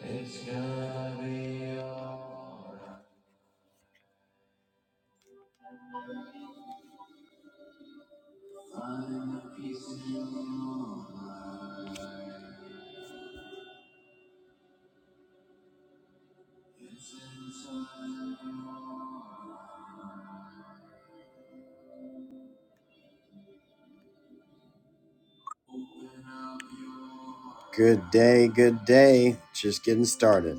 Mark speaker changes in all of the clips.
Speaker 1: It's gonna be alright. Find a piece in your mind. It's inside your mind. Good day, good day. Just getting started.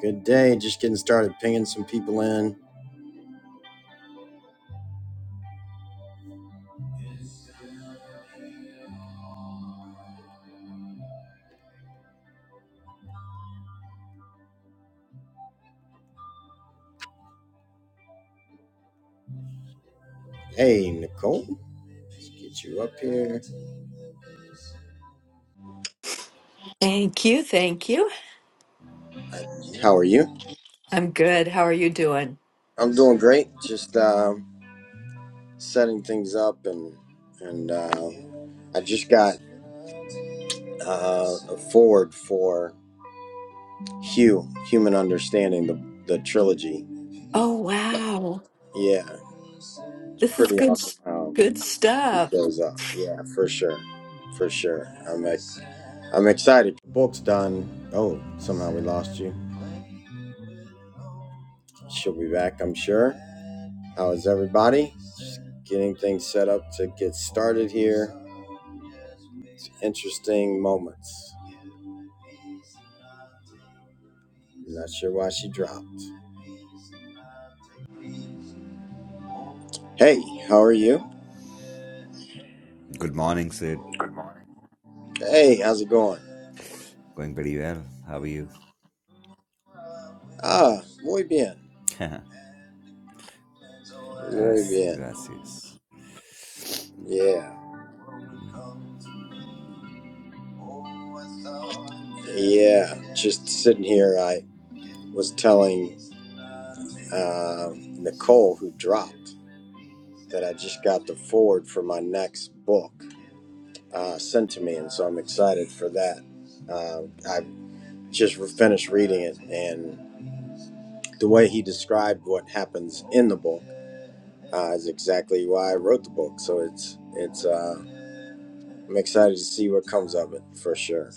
Speaker 1: Good day, just getting started pinging some people in. Hey, Nicole, let's get you up here.
Speaker 2: Thank you. Thank you.
Speaker 1: How are you?
Speaker 2: I'm good. How are you doing?
Speaker 1: I'm doing great. Just um, setting things up, and and uh, I just got uh, a forward for. Hugh, Human Understanding, the the trilogy.
Speaker 2: Oh, wow.
Speaker 1: Yeah, it's
Speaker 2: This is
Speaker 1: pretty
Speaker 2: good
Speaker 1: awesome
Speaker 2: s-
Speaker 1: how
Speaker 2: good
Speaker 1: it
Speaker 2: stuff.
Speaker 1: shows up. Yeah, for sure, for sure. I'm ex- I'm excited. Book's done. Oh, somehow we lost you. She'll be back, I'm sure. How is everybody? Just getting things set up to get started here. Interesting moments. I'm not sure why she dropped. Hey, how are you?
Speaker 3: Good morning, Sid.
Speaker 1: Hey, how's it going?
Speaker 3: Going pretty well. How are you?
Speaker 1: Ah, muy bien. Muy
Speaker 3: Gracias.
Speaker 1: bien.
Speaker 3: Gracias.
Speaker 1: Yeah.
Speaker 3: Mm,
Speaker 1: Yeah. Just sitting here, I was telling uh, Nicole, who dropped, that I just got the forward for my next book uh, sent to me, and so I'm excited for that. Uh, I just finished reading it, and the way he described what happens in the book uh, is exactly why I wrote the book. So it's it's uh, I'm excited to see what comes of it for sure.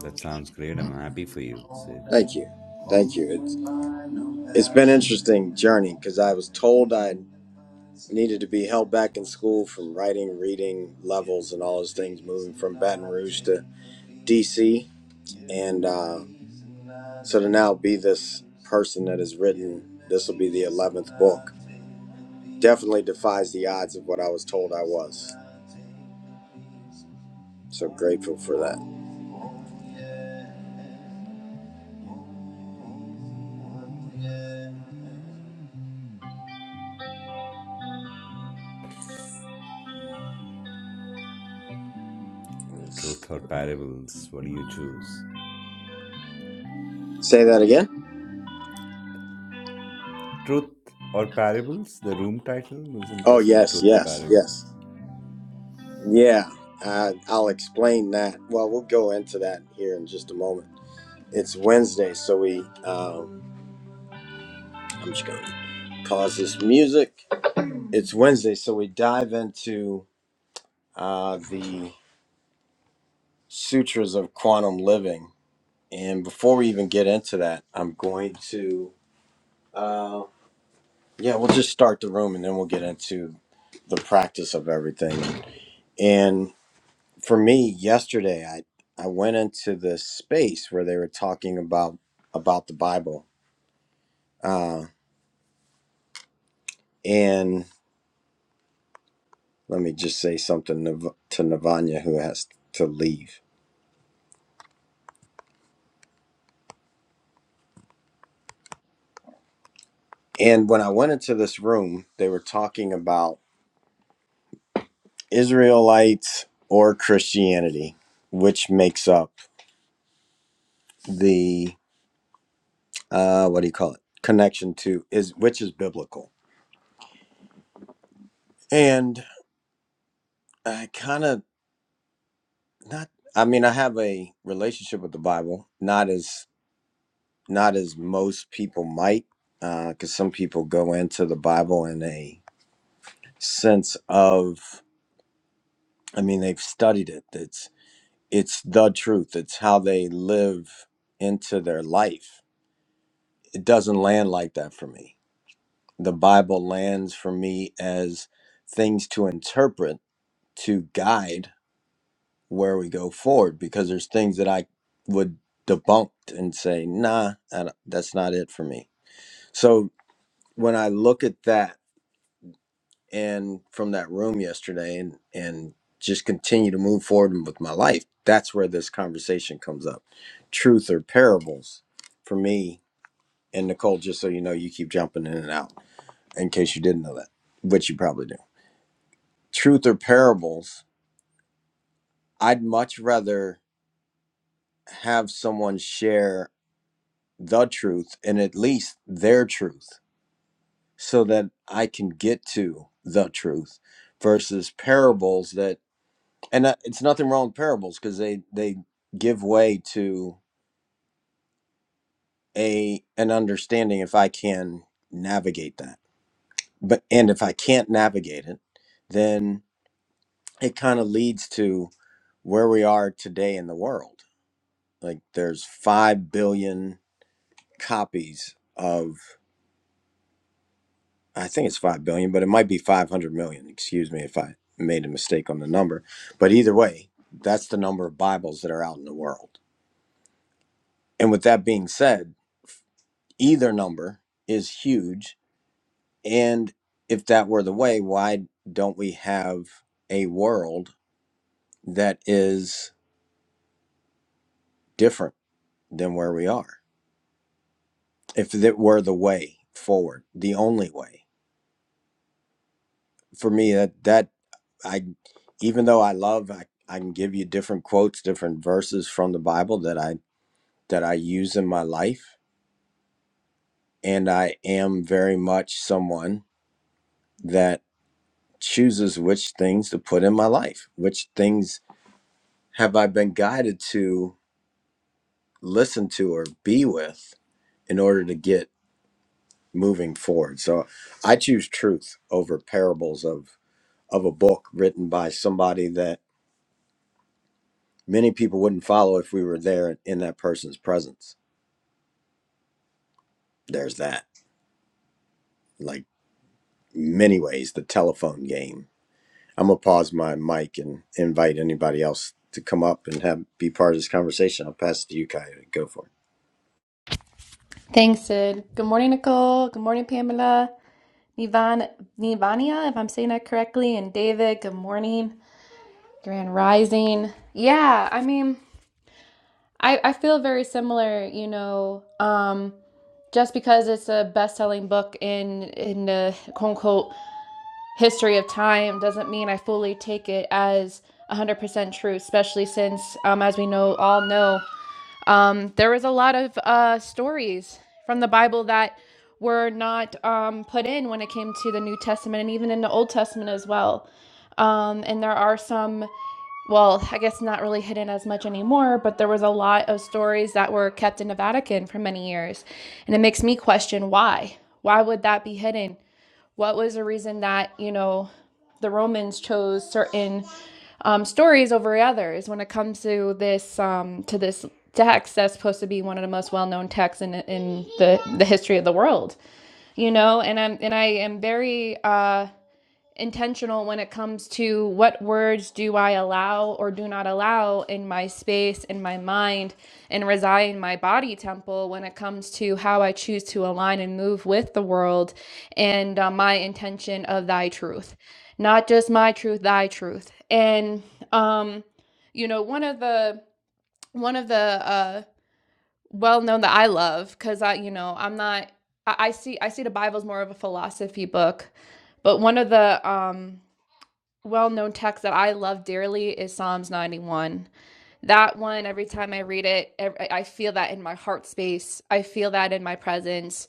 Speaker 3: That sounds great. I'm happy for you, Sid.
Speaker 1: Thank you. Thank you. It's, it's been interesting journey because I was told I needed to be held back in school from writing, reading levels, and all those things, moving from Baton Rouge to DC. And uh, so to now be this person that has written, this will be the 11th book, definitely defies the odds of what I was told I was. So grateful for that.
Speaker 3: Truth or parables? What do you choose?
Speaker 1: Say that again?
Speaker 3: Truth or parables? The room title was
Speaker 1: Oh,
Speaker 3: interesting.
Speaker 1: yes,
Speaker 3: Truth or
Speaker 1: yes,
Speaker 3: parables?
Speaker 1: yes. Yeah, uh, I'll explain that. Well, we'll go into that here in just a moment. It's Wednesday, so we. Um, I'm just going to pause this music. It's Wednesday, so we dive into uh, the Sutras of Quantum Living. And before we even get into that, I'm going to. Uh, yeah, we'll just start the room and then we'll get into the practice of everything. And. for me yesterday i i went into this space where they were talking about about the bible uh and let me just say something to to navanya who has to leave and when i went into this room they were talking about israelites or christianity which makes up the uh what do you call it connection to is which is biblical and i kind of not i mean i have a relationship with the bible not as not as most people might, because uh, some people go into the Bible in a sense of, I mean, they've studied it. It's it's the truth. It's how they live into their life. It doesn't land like that for me. The Bible lands for me as things to interpret to guide where we go forward, because there's things that I would debunk and say, nah, I don't- that's not it for me. So when I look at that and from that room yesterday and and just continue to move forward with my life that's where this conversation comes up truth or parables for me and nicole just so you know you keep jumping in and out in case you didn't know that which you probably do truth or parables i'd much rather have someone share the truth and at least their truth so that i can get to the truth versus parables that and uh, it's nothing wrong with parables because they they give way to a an understanding if i can navigate that but and if i can't navigate it then it kind of leads to where we are today in the world like there's 5 billion copies of i think it's 5 billion but it might be 500 million excuse me if i made a mistake on the number but either way that's the number of bibles that are out in the world and with that being said either number is huge. And if that were the way, why don't we have a world that is different than where we are? If that were the way forward, the only way for me that that I even though I love I, I can give you different quotes, different verses from the Bible that I that I use in my life. And I am very much someone that chooses which things to put in my life, which things have I been guided to listen to or be with in order to get moving forward? So I choose truth over parables of of a book written by somebody that many people wouldn't follow if we were there in that person's presence. There's that. Like many ways, the telephone game. I'm gonna pause my mic and invite anybody else to come up and have be part of this conversation. I'll pass it to you, Kaya. Go for it.
Speaker 4: Thanks, Sid. Good morning, Nicole. Good morning, Pamela. Nivan, Nivania, if I'm saying that correctly, and David, good morning. Grand Rising. Yeah, I mean, I, I feel very similar, you know, um, just because it's a best-selling book in in the quote-unquote history of time doesn't mean I fully take it as 100% true, especially since, um, as we know, all know, Um, there was a lot of uh, stories from the Bible that were not um, put in when it came to the New Testament and even in the Old Testament as well. Um, and there are some, well, I guess not really hidden as much anymore, but there was a lot of stories that were kept in the Vatican for many years. And it makes me question why. Why would that be hidden? What was the reason that, you know, the Romans chose certain um, stories over others when it comes to this um, to this text that's supposed to be one of the most well-known texts in in the the history of the world, you know? And I'm and I am very uh intentional when it comes to what words do I allow or do not allow in my space, in my mind, and reside in my body temple when it comes to how I choose to align and move with the world and uh, my intention of thy truth. Not just my truth, thy truth. And, um, you know, one of the, one of the, uh, well known that I love because I, you know, I'm not, I, I see, I see the Bible as more of a philosophy book, but one of the, um, well-known text that I love dearly is Psalms 91. That one, every time I read it, ev- I feel that in my heart space. I feel that in my presence,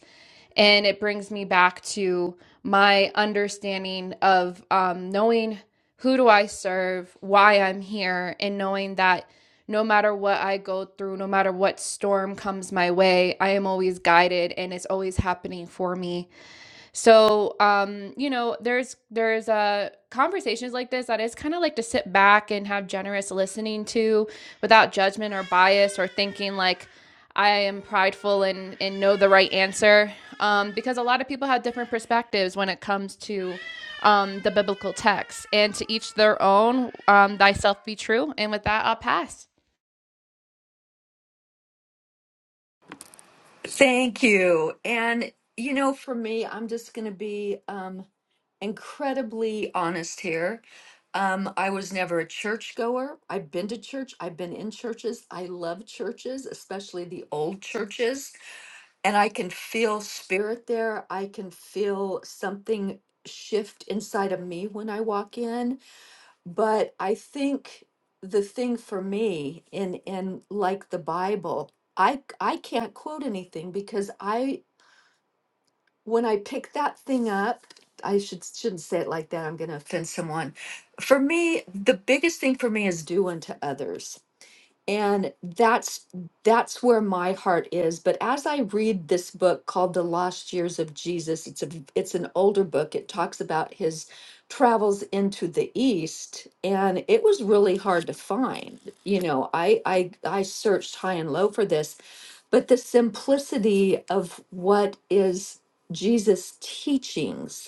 Speaker 4: and it brings me back to my understanding of um, knowing who do I serve, why I'm here, and knowing that no matter what I go through, no matter what storm comes my way, I am always guided, and it's always happening for me so, um, you know, there's there's uh conversations like this that is kind of like to sit back and have generous listening to without judgment or bias or thinking like I am prideful and and know the right answer. Um, because a lot of people have different perspectives when it comes to um, the biblical text, and to each their own. Um, thyself be true, and with that, I'll pass.
Speaker 2: Thank you. And you know, for me, I'm just going to be um incredibly honest here. Um I was never a churchgoer. I've been to church. I've been in churches. I love churches, especially the old churches, and I can feel spirit there. I can feel something shift inside of me when I walk in But I think the thing for me in in like the Bible, I I c- I can't quote anything because I when I pick that thing up, I should shouldn't say it like that. I'm going to offend someone. For me, the biggest thing for me is do unto others. And that's that's where my heart is. But as I read this book called The Lost Years of Jesus, it's a it's an older book. It talks about his travels into the East, and it was really hard to find. You know, I I I searched high and low for this, but the simplicity of what is Jesus' teachings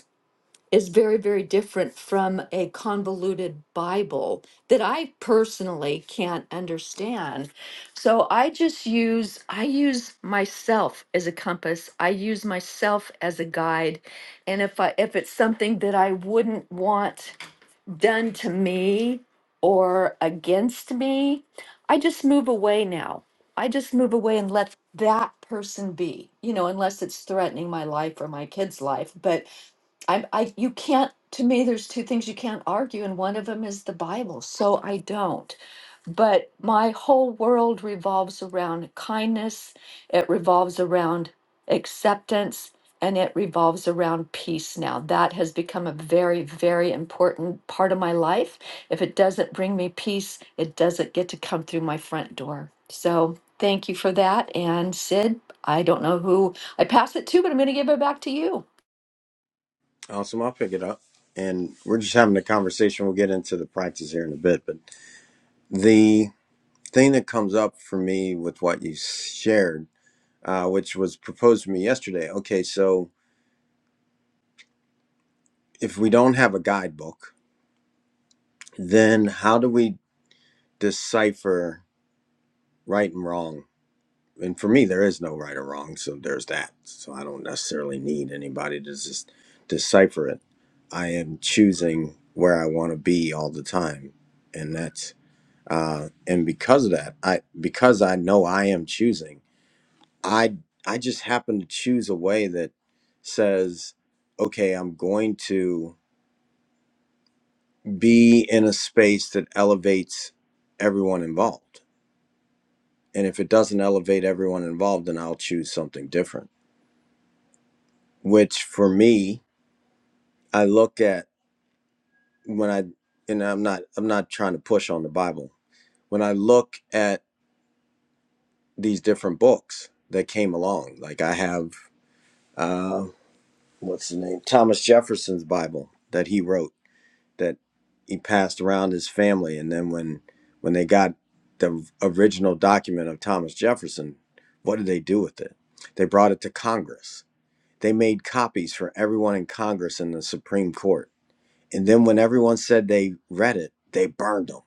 Speaker 2: is very, very different from a convoluted Bible that I personally can't understand. So I just use, I use myself as a compass. I use myself as a guide. And if I, if it's something that I wouldn't want done to me or against me, I just move away now. I just move away and let that person be, you know, unless it's threatening my life or my kid's life. But I, I, you can't, to me, there's two things you can't argue, and one of them is the Bible. So I don't. But my whole world revolves around kindness, it revolves around acceptance, and it revolves around peace now. That has become a very, very important part of my life. If it doesn't bring me peace, it doesn't get to come through my front door. So thank you for that. And Sid, I don't know who I pass it to, but I'm going to give it back to you.
Speaker 1: Awesome. I'll pick it up. And we're just having a conversation. We'll get into the practice here in a bit. But the thing that comes up for me with what you shared, uh, which was proposed to me yesterday okay, so if we don't have a guidebook, then how do we decipher right and wrong? And for me, there is no right or wrong. So there's that. So I don't necessarily need anybody to just decipher it. I am choosing where I want to be all the time. And that's uh, and because of that, I because I know I am choosing, I I just happen to choose a way that says, okay, I'm going to be in a space that elevates everyone involved, and if it doesn't elevate everyone involved, then I'll choose something different. Which for me, I look at when I and I'm not I'm not trying to push on the Bible. When I look at these different books that came along, like I have. uh, what's the name Thomas Jefferson's Bible that he wrote that he passed around his family, and then when when they got the original document of Thomas Jefferson, what did they do with it? They brought it to Congress. They made copies for everyone in Congress and the Supreme Court, and then when everyone said they read it, they burned them.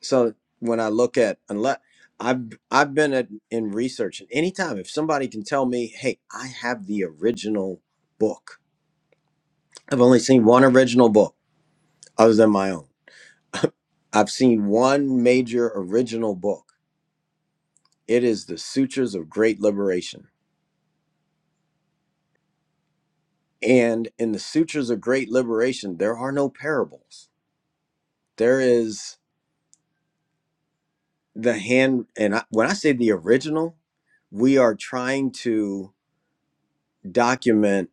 Speaker 1: So when I look at unless I've I've been at, in research, and anytime if somebody can tell me, hey, I have the original book I've only seen one original book other than my own. I've seen one major original book. It is The Sutures of Great Liberation. And in The Sutures of Great Liberation, there are no parables. There is the hand, and I, when I say the original, we are trying to document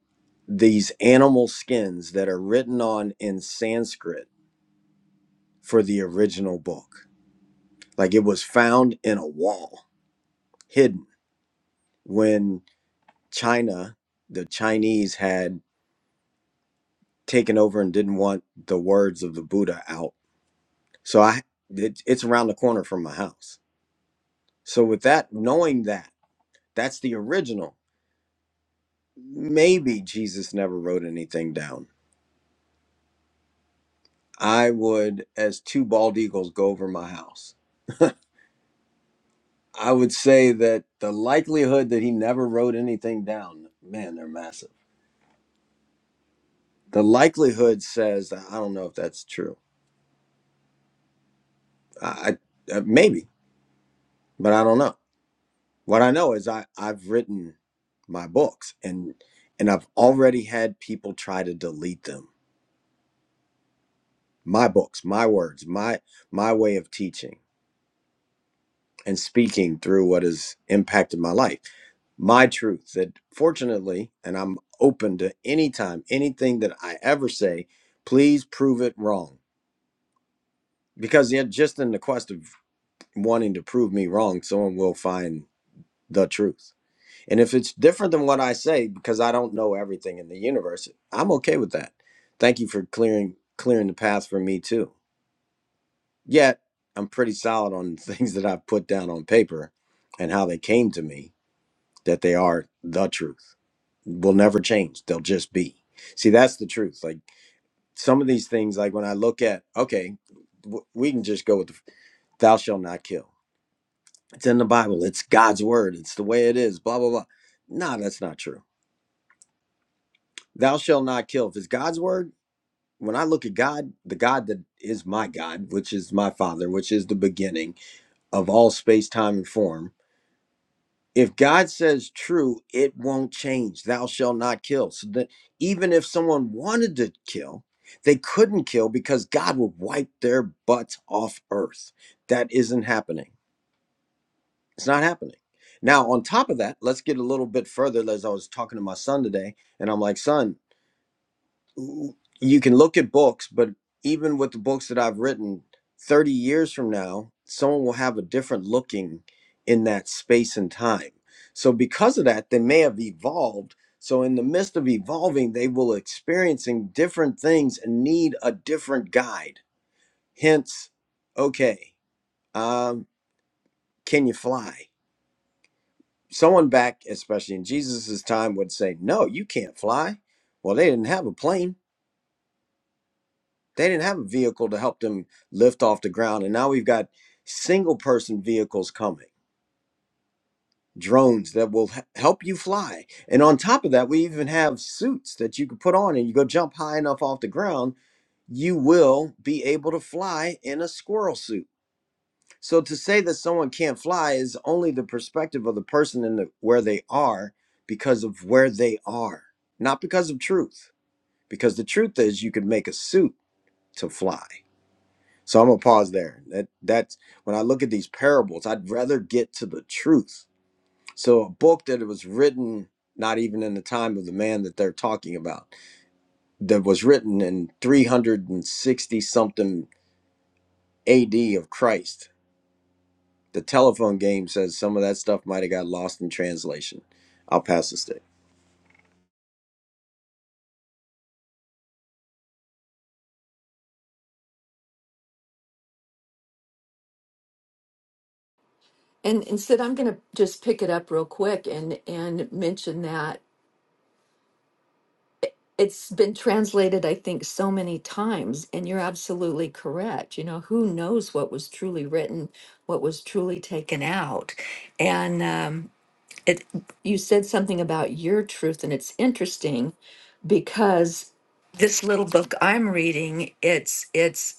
Speaker 1: these animal skins that are written on in Sanskrit for the original book. Like it was found in a wall, hidden. when. China, the Chinese had taken over and didn't want the words of the Buddha out. So I it, it's around the corner from my house. So with that, knowing that that's the original, maybe Jesus never wrote anything down. I would, as two bald eagles go over my house, I would say that the likelihood that he never wrote anything down, man, they're massive. The likelihood says that I don't know if that's true. I, I uh, maybe, but I don't know What I know is I, I've written my books and and I've already had people try to delete them. My books, my words, my my way of teaching and speaking through what has impacted my life. My truth that fortunately, and I'm open to any time, anything that I ever say, please prove it wrong. Because yeah, just in the quest of wanting to prove me wrong, someone will find the truth. And if it's different than what I say, because I don't know everything in the universe, I'm okay with that. Thank you for clearing clearing the path for me too. Yet I'm pretty solid on things that I've put down on paper and how they came to me, that they are the truth. Will never change. They'll just be. See, that's the truth. Like some of these things, like when I look at, okay, w- we can just go with the, thou shalt not kill. It's in the Bible. It's God's word. It's the way it is. Blah blah blah. No, that's not true thou shalt not kill. If it's God's word, when I look at God, the God that is my God, which is my Father, which is the beginning of all space, time, and form, if God says true, it won't change. Thou shalt not kill. So that even if someone wanted to kill, they couldn't kill because God would wipe their butts off earth. That isn't happening. It's not happening. Now, on top of that, let's get a little bit further. As I was talking to my son today, and I'm like, son, you can look at books, but even with the books that I've written, 30 years from now, someone will have a different looking in that space and time. So, because of that, they may have evolved. So, in the midst of evolving, they will experiencing different things and need a different guide. Hence, okay, um, can you fly? Someone back, especially in Jesus's time, would say, No, you can't fly. Well, they didn't have a plane They didn't have a vehicle to help them lift off the ground. And now we've got single person vehicles coming, drones that will h- help you fly. And on top of that, we even have suits that you can put on and you go jump high enough off the ground, you will be able to fly in a squirrel suit. So to say that someone can't fly is only the perspective of the person in the, where they are because of where they are, not because of truth. Because the truth is, you could make a suit to fly So I'm gonna pause there. That that's when I look at these parables, I'd rather get to the truth. So a book that was written not even in the time of the man that they're talking about, that was written in 360 something AD of Christ. The telephone game says some of that stuff might have got lost in translation. I'll pass the stick.
Speaker 2: And instead, I'm going to just pick it up real quick and and mention that it- it's been translated, I think, so many times, and you're absolutely correct. You know, who knows what was truly written, what was truly taken out, and um, it. You said something about your truth, and it's interesting because this little book I'm reading, it's it's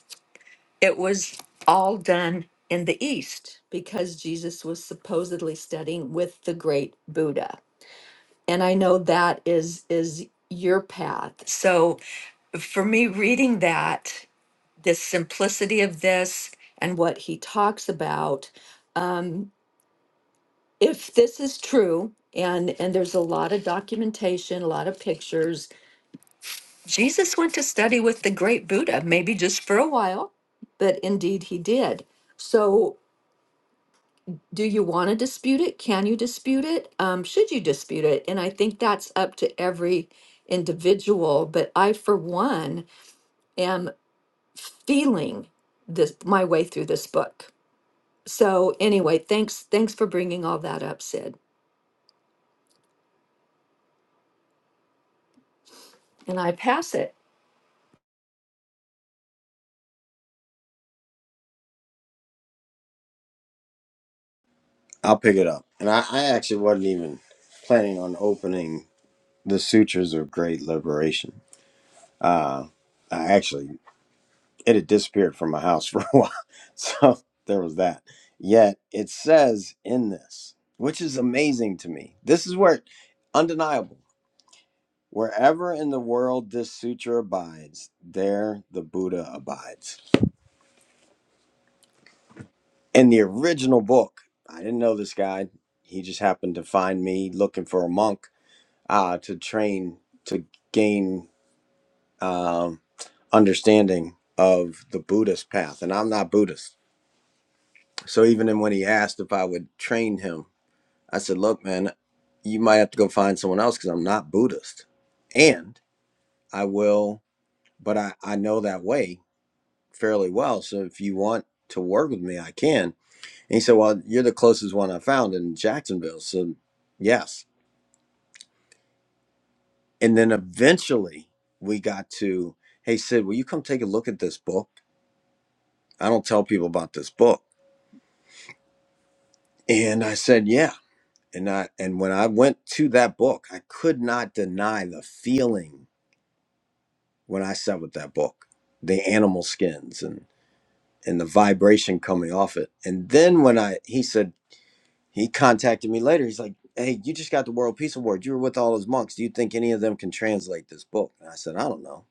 Speaker 2: it was all done in the East because Jesus was supposedly studying with the great Buddha. And I know that is is your path. So for me reading that, the simplicity of this and what he talks about, um, if this is true, and and there's a lot of documentation, a lot of pictures. Jesus went to study with the great Buddha, maybe just for a while, but indeed he did. So do you want to dispute it? Can you dispute it? Um, should you dispute it? And I think that's up to every individual. But I, for one, am feeling this my way through this book. So anyway, thanks thanks for bringing all that up, Sid. And I pass it.
Speaker 1: I'll pick it up. And I, I actually wasn't even planning on opening the sutras of great liberation. Uh, I actually it had disappeared from my house for a while. So there was that. Yet it says in this, which is amazing to me. This is where undeniable. Wherever in the world this sutra abides, there the Buddha abides. In the original book, I didn't know this guy. He just happened to find me looking for a monk uh, to train to gain um, understanding of the Buddhist path. And I'm not Buddhist. So even when he asked if I would train him, I said, "Look, man, you might have to go find someone else because I'm not Buddhist, and I will, but I I know that way fairly well. So if you want to work with me, I can." And he said, "Well, you're the closest one I found in Jacksonville, so yes." And then eventually we got to, "Hey Sid, will you come take a look at this book? I don't tell people about this book." And I said, "Yeah." And I and when I went to that book, I could not deny the feeling when I sat with that book, the animal skins and and the vibration coming off it. And then when I he said he contacted me later, he's like, "Hey, you just got the World Peace Award. You were with all those monks. Do you think any of them can translate this book?" And I said, "I don't know."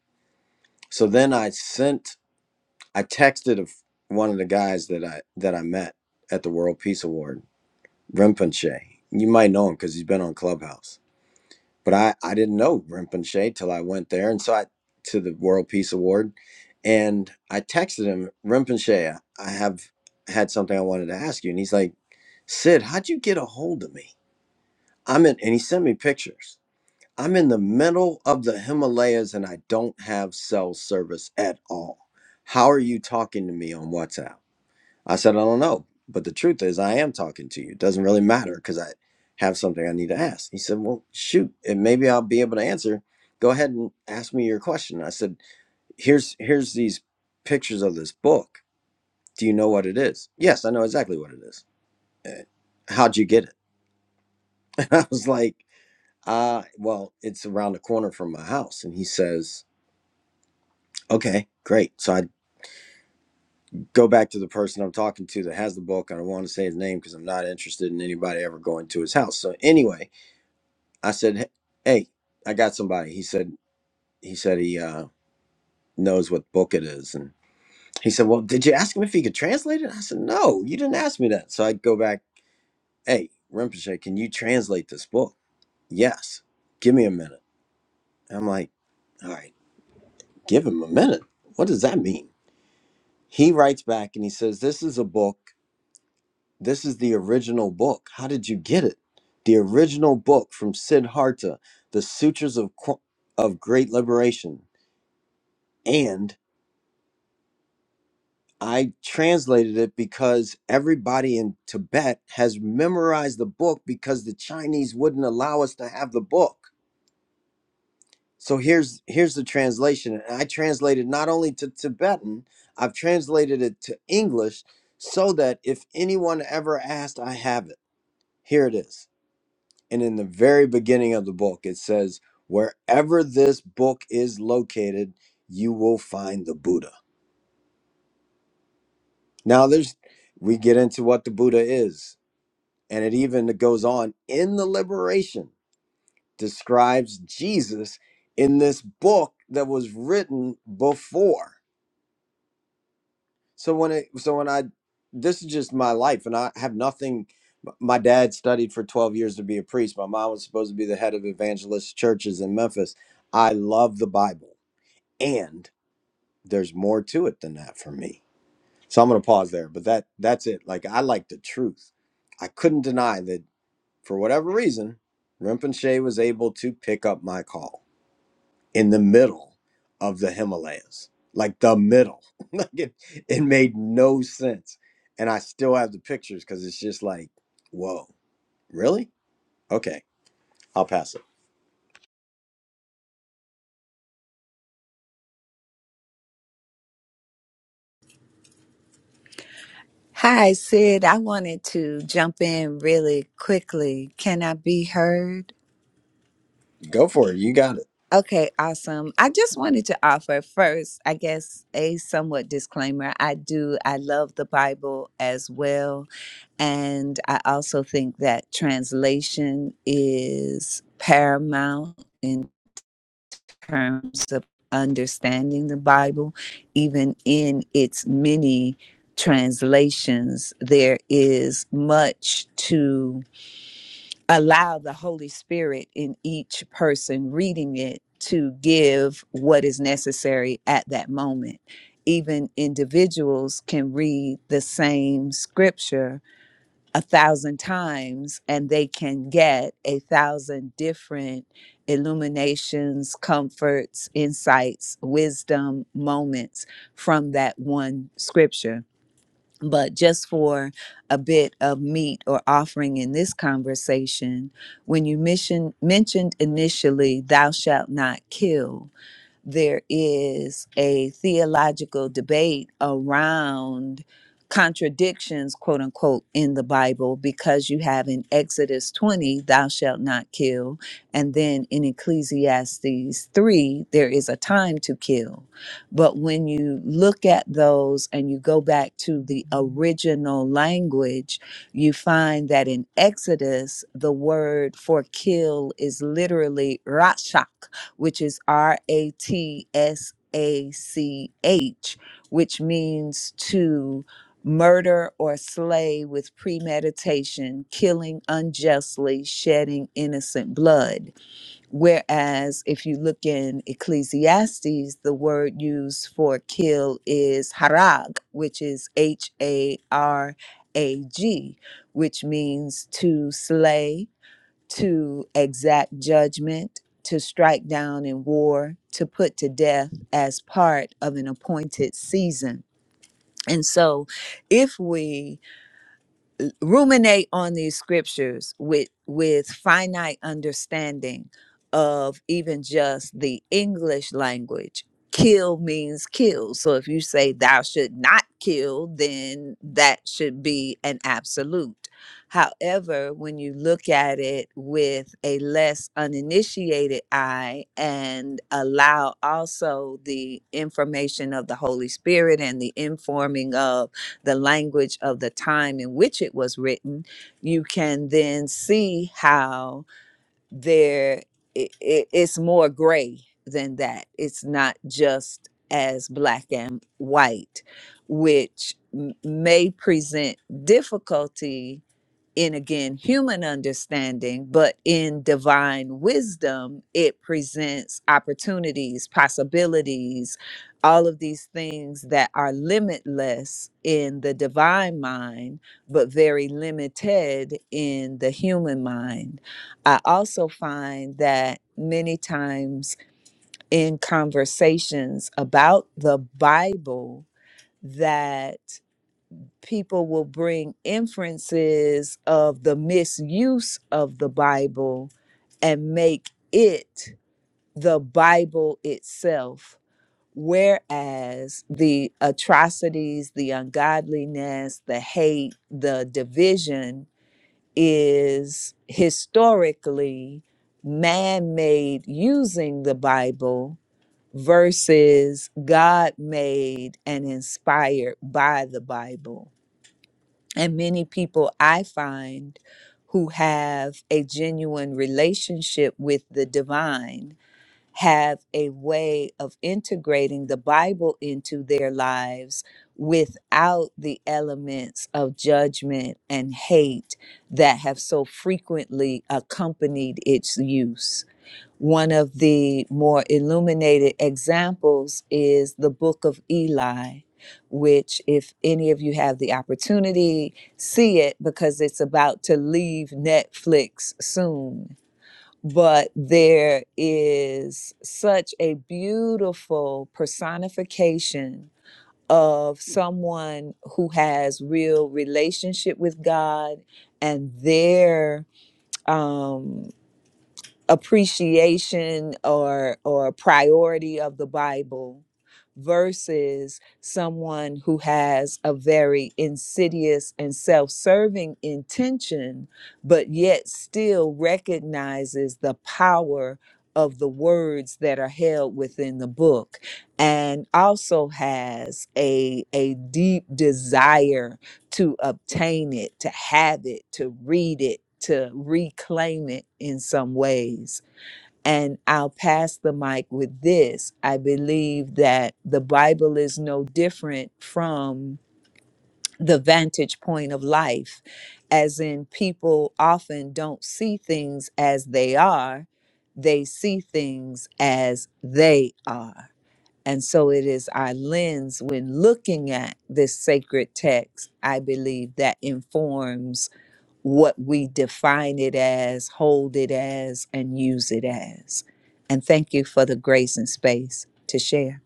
Speaker 1: So then I sent I texted a f one of the guys that I that I met at the World Peace Award, Rinpoche. You might know him because he's been on Clubhouse but I, I didn't know Rinpoche till I went there. And so I, to the World Peace Award, and I texted him, Rinpoche, I I have had something I wanted to ask you. And he's like, Sid, how'd you get a hold of me? I'm in, and he sent me pictures. I'm in the middle of the Himalayas and I don't have cell service at all. How are you talking to me on WhatsApp? I said, I don't know. But the truth is, I am talking to you. It doesn't really matter because I have something I need to ask. He said, Well, shoot, and maybe I'll be able to answer. Go ahead and ask me your question. I said, Here's here's these pictures of this book. Do you know what it is? Yes, I know exactly what it is. "Eh, How'd you get it? I was like, uh, well, it's around the corner from my house. And he says, Okay, great. So I go back to the person I'm talking to that has the book. I don't want to say his name because I'm not interested in anybody ever going to his house. So anyway, I said, "Hey, I got somebody." He said, "He said he uh, knows what book it is." And he said, "Well, did you ask him if he could translate it?" I said, "No, you didn't ask me that." So I go back, "Hey, Rinpoche, can you translate this book?" "Yes." "Give me a minute." I'm like, "All right, give him a minute. What does that mean?" He writes back and he says, "This is a book. This is the original book. How did you get it?" The original book from Siddhartha, the Sutras of Qu- of Great Liberation, and I translated it because everybody in Tibet has memorized the book because the Chinese wouldn't allow us to have the book. So here's here's the translation. And I translated not only to Tibetan, I've translated it to English so that if anyone ever asked, I have it. Here it is. And in the very beginning of the book, it says, "Wherever this book is located, you will find the Buddha." Now there's we get into what the Buddha is And it even goes on in the liberation, describes Jesus in this book that was written before. So when it, so when I, this is just my life, and I have nothing. m- My dad studied for 12 years to be a priest. My mom was supposed to be the head of evangelist churches in Memphis. I love the Bible, and there's more to it than that for me. So I'm going to pause there, but that that's it. Like I like the truth. I couldn't deny that For whatever reason, Rinpoche was able to pick up my call in the middle of the Himalayas, like the middle. like it, it made no sense. And I still have the pictures because it's just like, whoa, really? Okay, I'll pass it.
Speaker 5: Hi, Sid. I wanted to jump in really quickly. Can I be heard?
Speaker 1: Go for it. You got it.
Speaker 5: Okay, awesome. I just wanted to offer first, I guess, a somewhat disclaimer. I do, I love the Bible as well. And I also think that translation is paramount in terms of understanding the Bible, even in its many translations. There is much to allow the Holy Spirit in each person reading it to give what is necessary at that moment. Even individuals can read the same scripture a thousand times and they can get a thousand different illuminations, comforts, insights, wisdom moments from that one scripture but just for a bit of meat or offering in this conversation, when you mission, mentioned initially, thou shalt not kill, there is a theological debate around contradictions, quote unquote, in the Bible, because you have in Exodus 20, thou shalt not kill. And then in Ecclesiastes 3, there is a time to kill. But when you look at those and you go back to the original language, you find that in Exodus, the word for kill is literally rashak which is R A T S A C H, which means to murder or slay with premeditation, killing unjustly, shedding innocent blood. Whereas if you look in Ecclesiastes, the word used for kill is harag, which is H A R A G, which means to slay to exact judgment, to strike down in war, to put to death as part of an appointed season. And so, if we ruminate on these scriptures with with finite understanding of even just the english language kill means kill so if you say thou should not kill then that should be an absolute however when you look at it with a less uninitiated eye and allow also the information of the holy spirit and the informing of the language of the time in which it was written, you can then see how there it, it, it's more gray than that. It's not just as black and white, which m- may present difficulty in again human understanding, but in divine wisdom, it presents opportunities, possibilities, all of these things that are limitless in the divine mind, but very limited in the human mind. I also find that many times in conversations about the Bible, that people will bring inferences of the misuse of the Bible and make it the Bible itself. Whereas the atrocities, the ungodliness, the hate, the division is historically man made using the Bible versus God made and inspired by the Bible and many people I find who have a genuine relationship with the divine have a way of integrating the Bible into their lives without the elements of judgment and hate that have so frequently accompanied its use. One of the more illuminated examples is the Book of Eli, which, if any of you have the opportunity, see it because it's about to leave Netflix soon. But there is such a beautiful personification of someone who has real relationship with God and their um, appreciation or or priority of the bible versus someone who has a very insidious and self-serving intention but yet still recognizes the power of the words that are held within the book and also has a a deep desire to obtain it, to have it, to read it, to reclaim it in some ways. And I'll pass the mic with this. I believe that the Bible is no different from the vantage point of life, as in, people often don't see things as they are, they see things as they are. And so it is our lens when looking at this sacred text, I believe, that informs what we define it as, hold it as, and use it as. And thank you for the grace and space to share.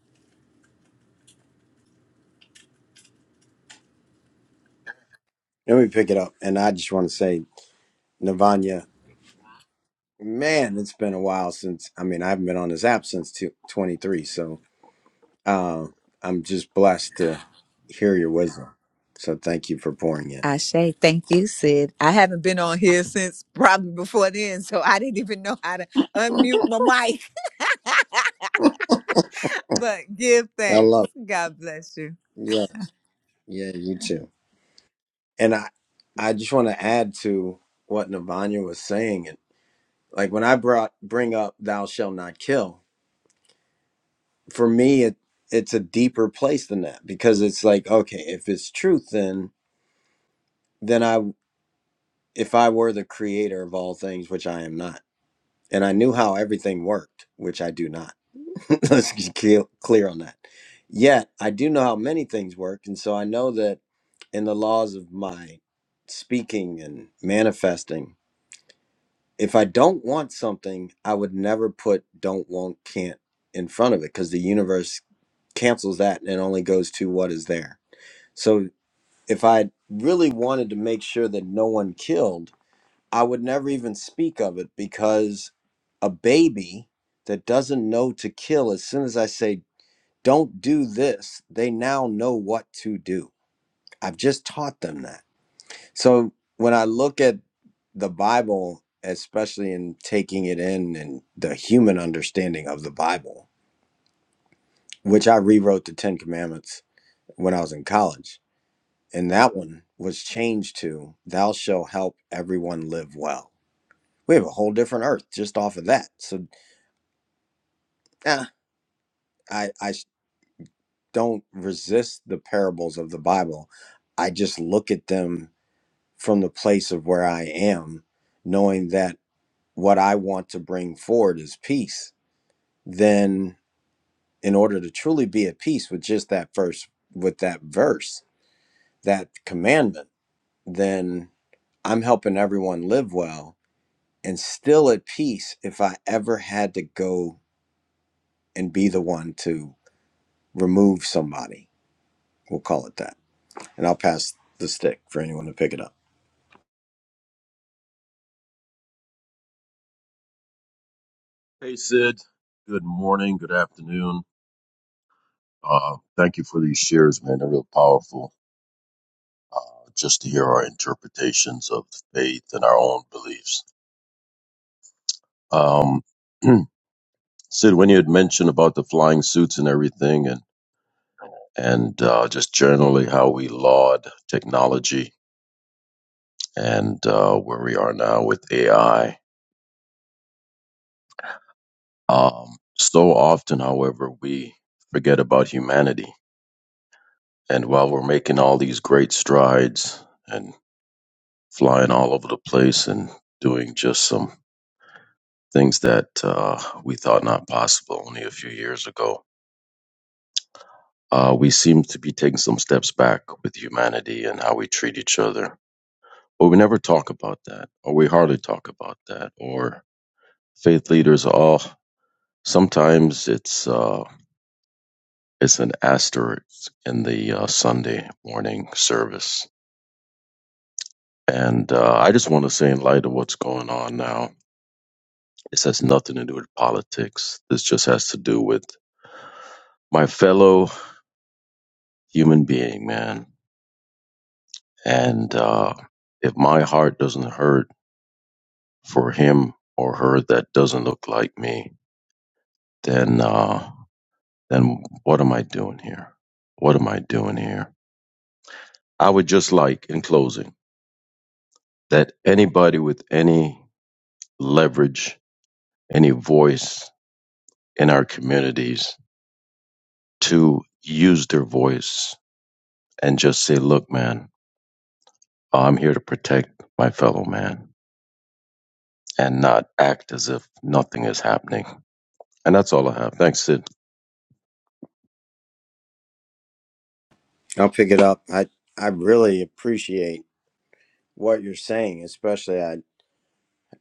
Speaker 1: Let me pick it up. And I just want to say, Navanya, man, it's been a while since, I mean, I haven't been on this app since two, twenty-three. So uh, I'm just blessed to hear your wisdom. So thank you for pouring in.
Speaker 5: Ashe, thank you, Sid. I haven't been on here since probably before then, so I didn't even know how to unmute my mic, but give
Speaker 1: I
Speaker 5: thanks.
Speaker 1: love it.
Speaker 5: God bless you.
Speaker 1: Yes. Yeah, you too. And I I just want to add to what Navanya was saying. And like when I brought bring up thou shall not kill, for me it it's a deeper place than that because it's like, okay, if it's truth then then I if I were the creator of all things, which I am not, and I knew how everything worked, which I do not. Let's get clear clear on that. Yet I do know how many things work, and so I know that in the laws of my speaking and manifesting, if I don't want something, I would never put don't want can't in front of it because the universe cancels that and only goes to what is there. So if I really wanted to make sure that no one killed, I would never even speak of it because a baby that doesn't know to kill, as soon as I say don't do this, they now know what to do. I've just taught them that. So when I look at the Bible, especially in taking it in and the human understanding of the Bible, which I rewrote the Ten Commandments when I was in college, and that one was changed to, Thou shalt help everyone live well. We have a whole different earth just off of that. So eh, I, I don't resist the parables of the Bible. I just look at them from the place of where I am, knowing that what I want to bring forward is peace, then in order to truly be at peace with just that verse, with that verse, that commandment, then I'm helping everyone live well and still at peace if I ever had to go and be the one to remove somebody. We'll call it that. And I'll pass the stick for anyone to pick it up.
Speaker 6: Hey, Sid. Good morning. Good afternoon. Uh, thank you for these shares, man. They're real powerful. Uh, just to hear our interpretations of faith and our own beliefs. Um, Sid, when you had mentioned about the flying suits and everything, and and uh, just generally how we laud technology and uh, where we are now with AI. Um, so often, however, we forget about humanity. And while we're making all these great strides and flying all over the place and doing just some things that uh, we thought not possible only a few years ago. Uh, we seem to be taking some steps back with humanity and how we treat each other. But we never talk about that, or we hardly talk about that, or faith leaders all. Sometimes it's uh, it's an asterisk in the uh, Sunday morning service, and uh, I just want to say, in light of what's going on now, this has nothing to do with politics. This just has to do with my fellow human being, man. And uh, if my heart doesn't hurt for him or her that doesn't look like me, then uh, then what am I doing here? What am I doing here? I would just like, in closing, that anybody with any leverage, any voice in our communities, to use their voice and just say, "Look, man, I'm here to protect my fellow man." and not act as if nothing is happening. And that's all I have. Thanks, Sid.
Speaker 1: I'll pick it up. I, I really appreciate what you're saying, especially I.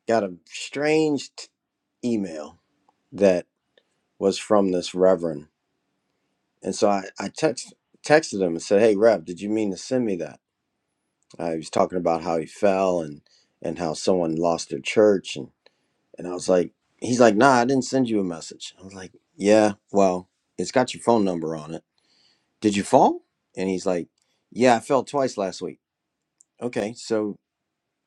Speaker 1: got a strange t- email that was from this reverend. And so I, I text, texted him and said, Hey, Rev, did you mean to send me that? I was talking about how he fell and, and how someone lost their church. And, and I was like, He's like, Nah, I didn't send you a message. I was like, Yeah, well, it's got your phone number on it. Did you fall? And he's like, Yeah, I fell twice last week. Okay, so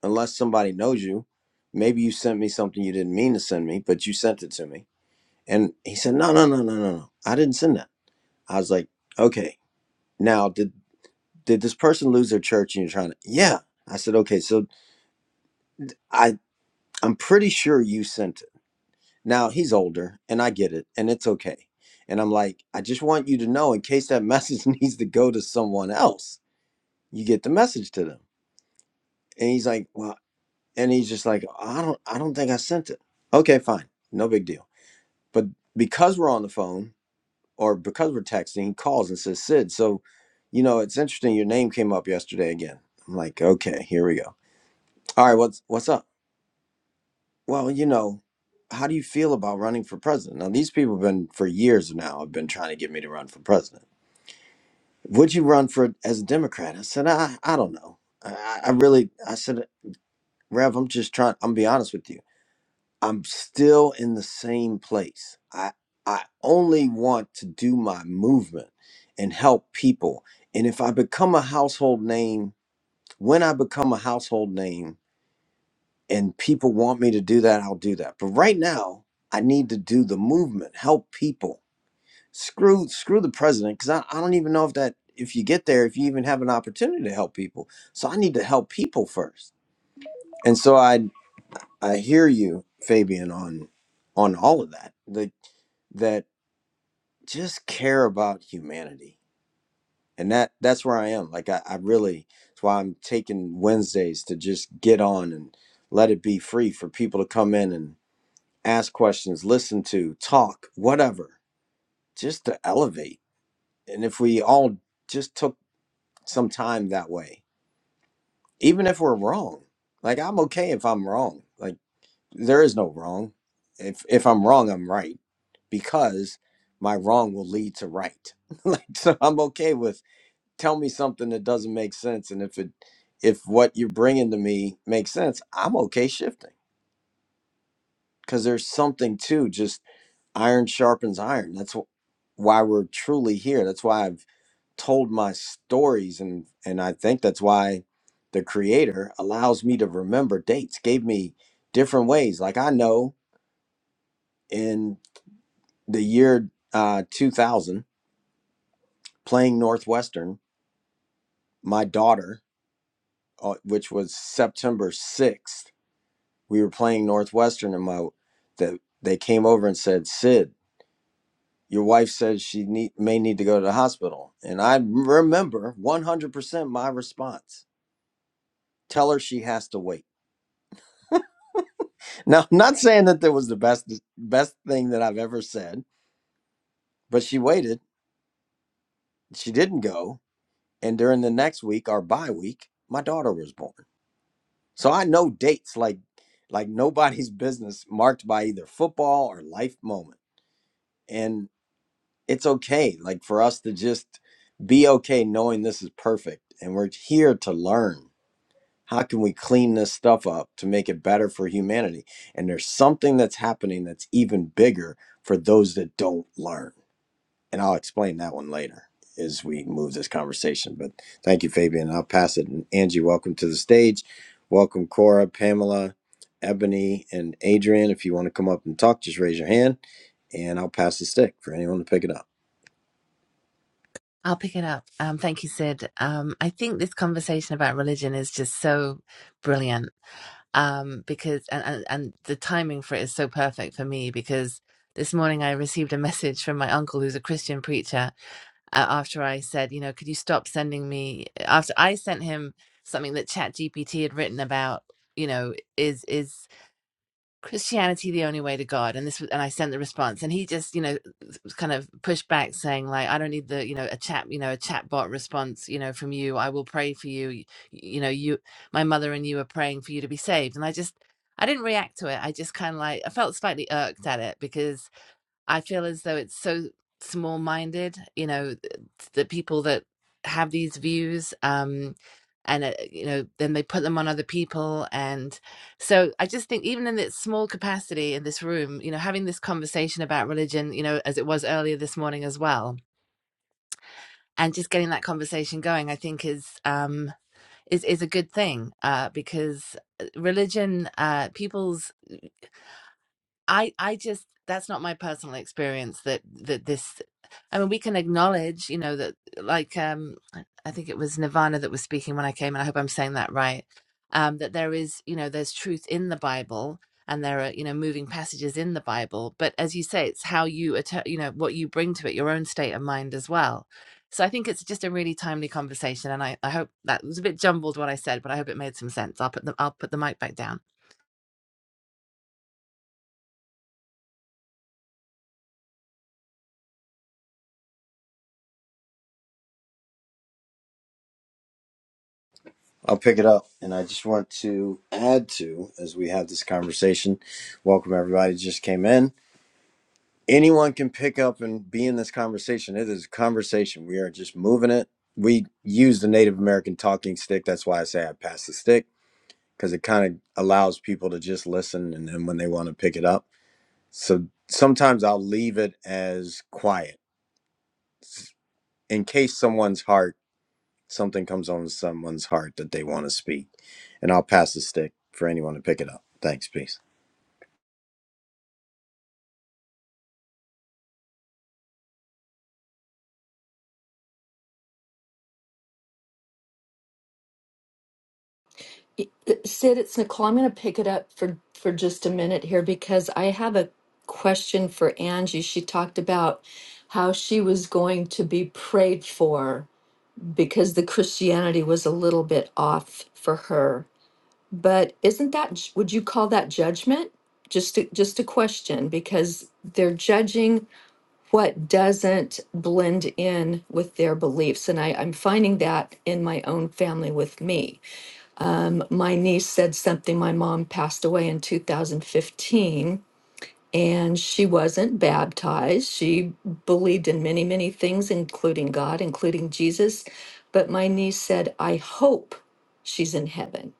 Speaker 1: unless somebody knows you, maybe you sent me something you didn't mean to send me, but you sent it to me And he said, No, no, no, no, no, no. I didn't send that. I was like, Okay. Now did did this person lose their church and you're trying to Yeah. I said, Okay, so I I'm pretty sure you sent it. Now he's older and I get it and it's okay. And I'm like, I just want you to know in case that message needs to go to someone else, you get the message to them. And he's like, Well and he's just like, I don't I don't think I sent it. Okay, fine. No big deal. But because we're on the phone or because we're texting, he calls and says, Sid, so, you know, it's interesting. Your name came up yesterday again. I'm like, okay, here we go. All right, what's, what's up? Well, you know, how do you feel about running for president? Now, these people have been, for years now, have been trying to get me to run for president. Would you run for, as a Democrat? I said, I, I don't know. I, I really, I said, Rev, I'm just trying, I'm gonna be honest with you. I'm still in the same place. I I only want to do my movement and help people. And if I become a household name, when I become a household name and people want me to do that, I'll do that. But right now, I need to do the movement, help people. Screw screw the president cuz I, I don't even know if that if you get there if you even have an opportunity to help people. So I need to help people first. And so I I hear you Fabian on on all of that. Like, that just care about humanity and that that's where i am like i, I really that's why i'm taking wednesdays to just get on and let it be free for people to come in and ask questions listen to talk whatever just to elevate and if we all just took some time that way even if we're wrong like i'm okay if i'm wrong like there is no wrong if if i'm wrong i'm right because my wrong will lead to right like so i'm okay with tell me something that doesn't make sense and if it if what you're bringing to me makes sense i'm okay shifting because there's something to just iron sharpens iron that's wh- why we're truly here that's why i've told my stories and and i think that's why the creator allows me to remember dates gave me different ways like i know in the year uh, 2000 playing northwestern my daughter uh, which was september 6th we were playing Northwestern and my that they came over and said, "Sid, your wife says she need, may need to go to the hospital." And I remember 100% my response. Tell her she has to wait. Now, I'm not saying that that was the best best thing that I've ever said, but she waited. She didn't go, and during the next week, our bye week, my daughter was born. So I know dates like like nobody's business marked by either football or life moment. and. it's okay like for us to just be okay knowing this is perfect and we're here to learn how can we clean this stuff up to make it better for humanity and there's something that's happening that's even bigger for those that don't learn and i'll explain that one later as we move this conversation but thank you fabian i'll pass it and angie welcome to the stage welcome cora pamela ebony and adrian if you want to come up and talk just raise your hand and i'll pass the stick for anyone to pick it up
Speaker 7: I'll pick it up. Um, thank you, Sid. Um, I think this conversation about religion is just so brilliant um, because, and, and, and the timing for it is so perfect for me because this morning I received a message from my uncle who's a Christian preacher uh, after I said, you know, could you stop sending me, after I sent him something that ChatGPT had written about, you know, is, is, Christianity the only way to God? And this was, and I sent the response, and he just you know kind of pushed back, saying like I don't need the you know a chat you know a chatbot response you know from you. I will pray for you. You, you know you my mother and you are praying for you to be saved. And I just I didn't react to it. I just kind of like I felt slightly irked at it because I feel as though it's so small minded, you know, the people that have these views, um, and, uh, you know, then they put them on other people. And so I just think, even in this small capacity in this room, you know, having this conversation about religion, you know, as it was earlier this morning as well. And just getting that conversation going, I think, is um, is is a good thing uh, because uh, religion, uh, people's I I just that's not my personal experience that that this I mean we can acknowledge you know that like um I think it was Nirvana that was speaking when I came and I hope I'm saying that right um that there is you know there's truth in the Bible and there are you know moving passages in the Bible but as you say it's how you atta- you know what you bring to it your own state of mind as well so I think it's just a really timely conversation and I I hope that was a bit jumbled what I said but I hope it made some sense I'll put the I'll put the mic back down
Speaker 1: I'll pick it up. And I just want to add to, as we have this conversation, welcome everybody who just came in. Anyone can pick up and be in this conversation. It is a conversation. We are just moving it. We use the Native American talking stick. That's why I say I pass the stick because it kind of allows people to just listen and then when they want to pick it up. So sometimes I'll leave it as quiet in case someone's heart something comes on someone's heart that they want to speak. And I'll pass the stick for anyone to pick it up. Thanks. Peace.
Speaker 2: Y- uh, Sid, it's Nicole. I'm going to pick it up for for just a minute here because I have a question for Angie. She talked about how she was going to be prayed for because the Christianity was a little bit off for her. But isn't that j- would you call that judgment? Just a, just a question because they're judging what doesn't blend in with their beliefs, and I, I'm finding that in my own family with me. Um, my niece said something. My mom passed away in 2015, and she wasn't baptized. She believed in many, many things, including God, including Jesus. But my niece said, I hope she's in heaven.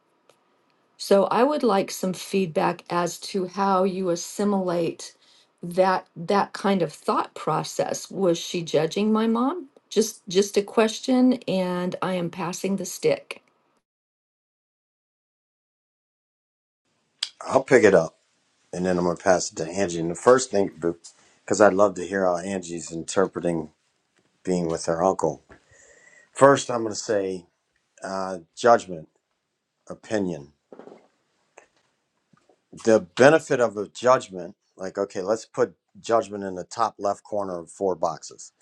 Speaker 2: So I would like some feedback as to how you assimilate that that kind of thought process. Was she judging my mom? Just just a question, and I am passing the stick.
Speaker 1: I'll pick it up and then I'm gonna pass it to Angie. And the first thing, because I'd love to hear how Angie's interpreting being with her uncle. First, I'm gonna say uh, judgment, opinion. The benefit of a judgment, like okay, let's put judgment in the top left corner of four boxes.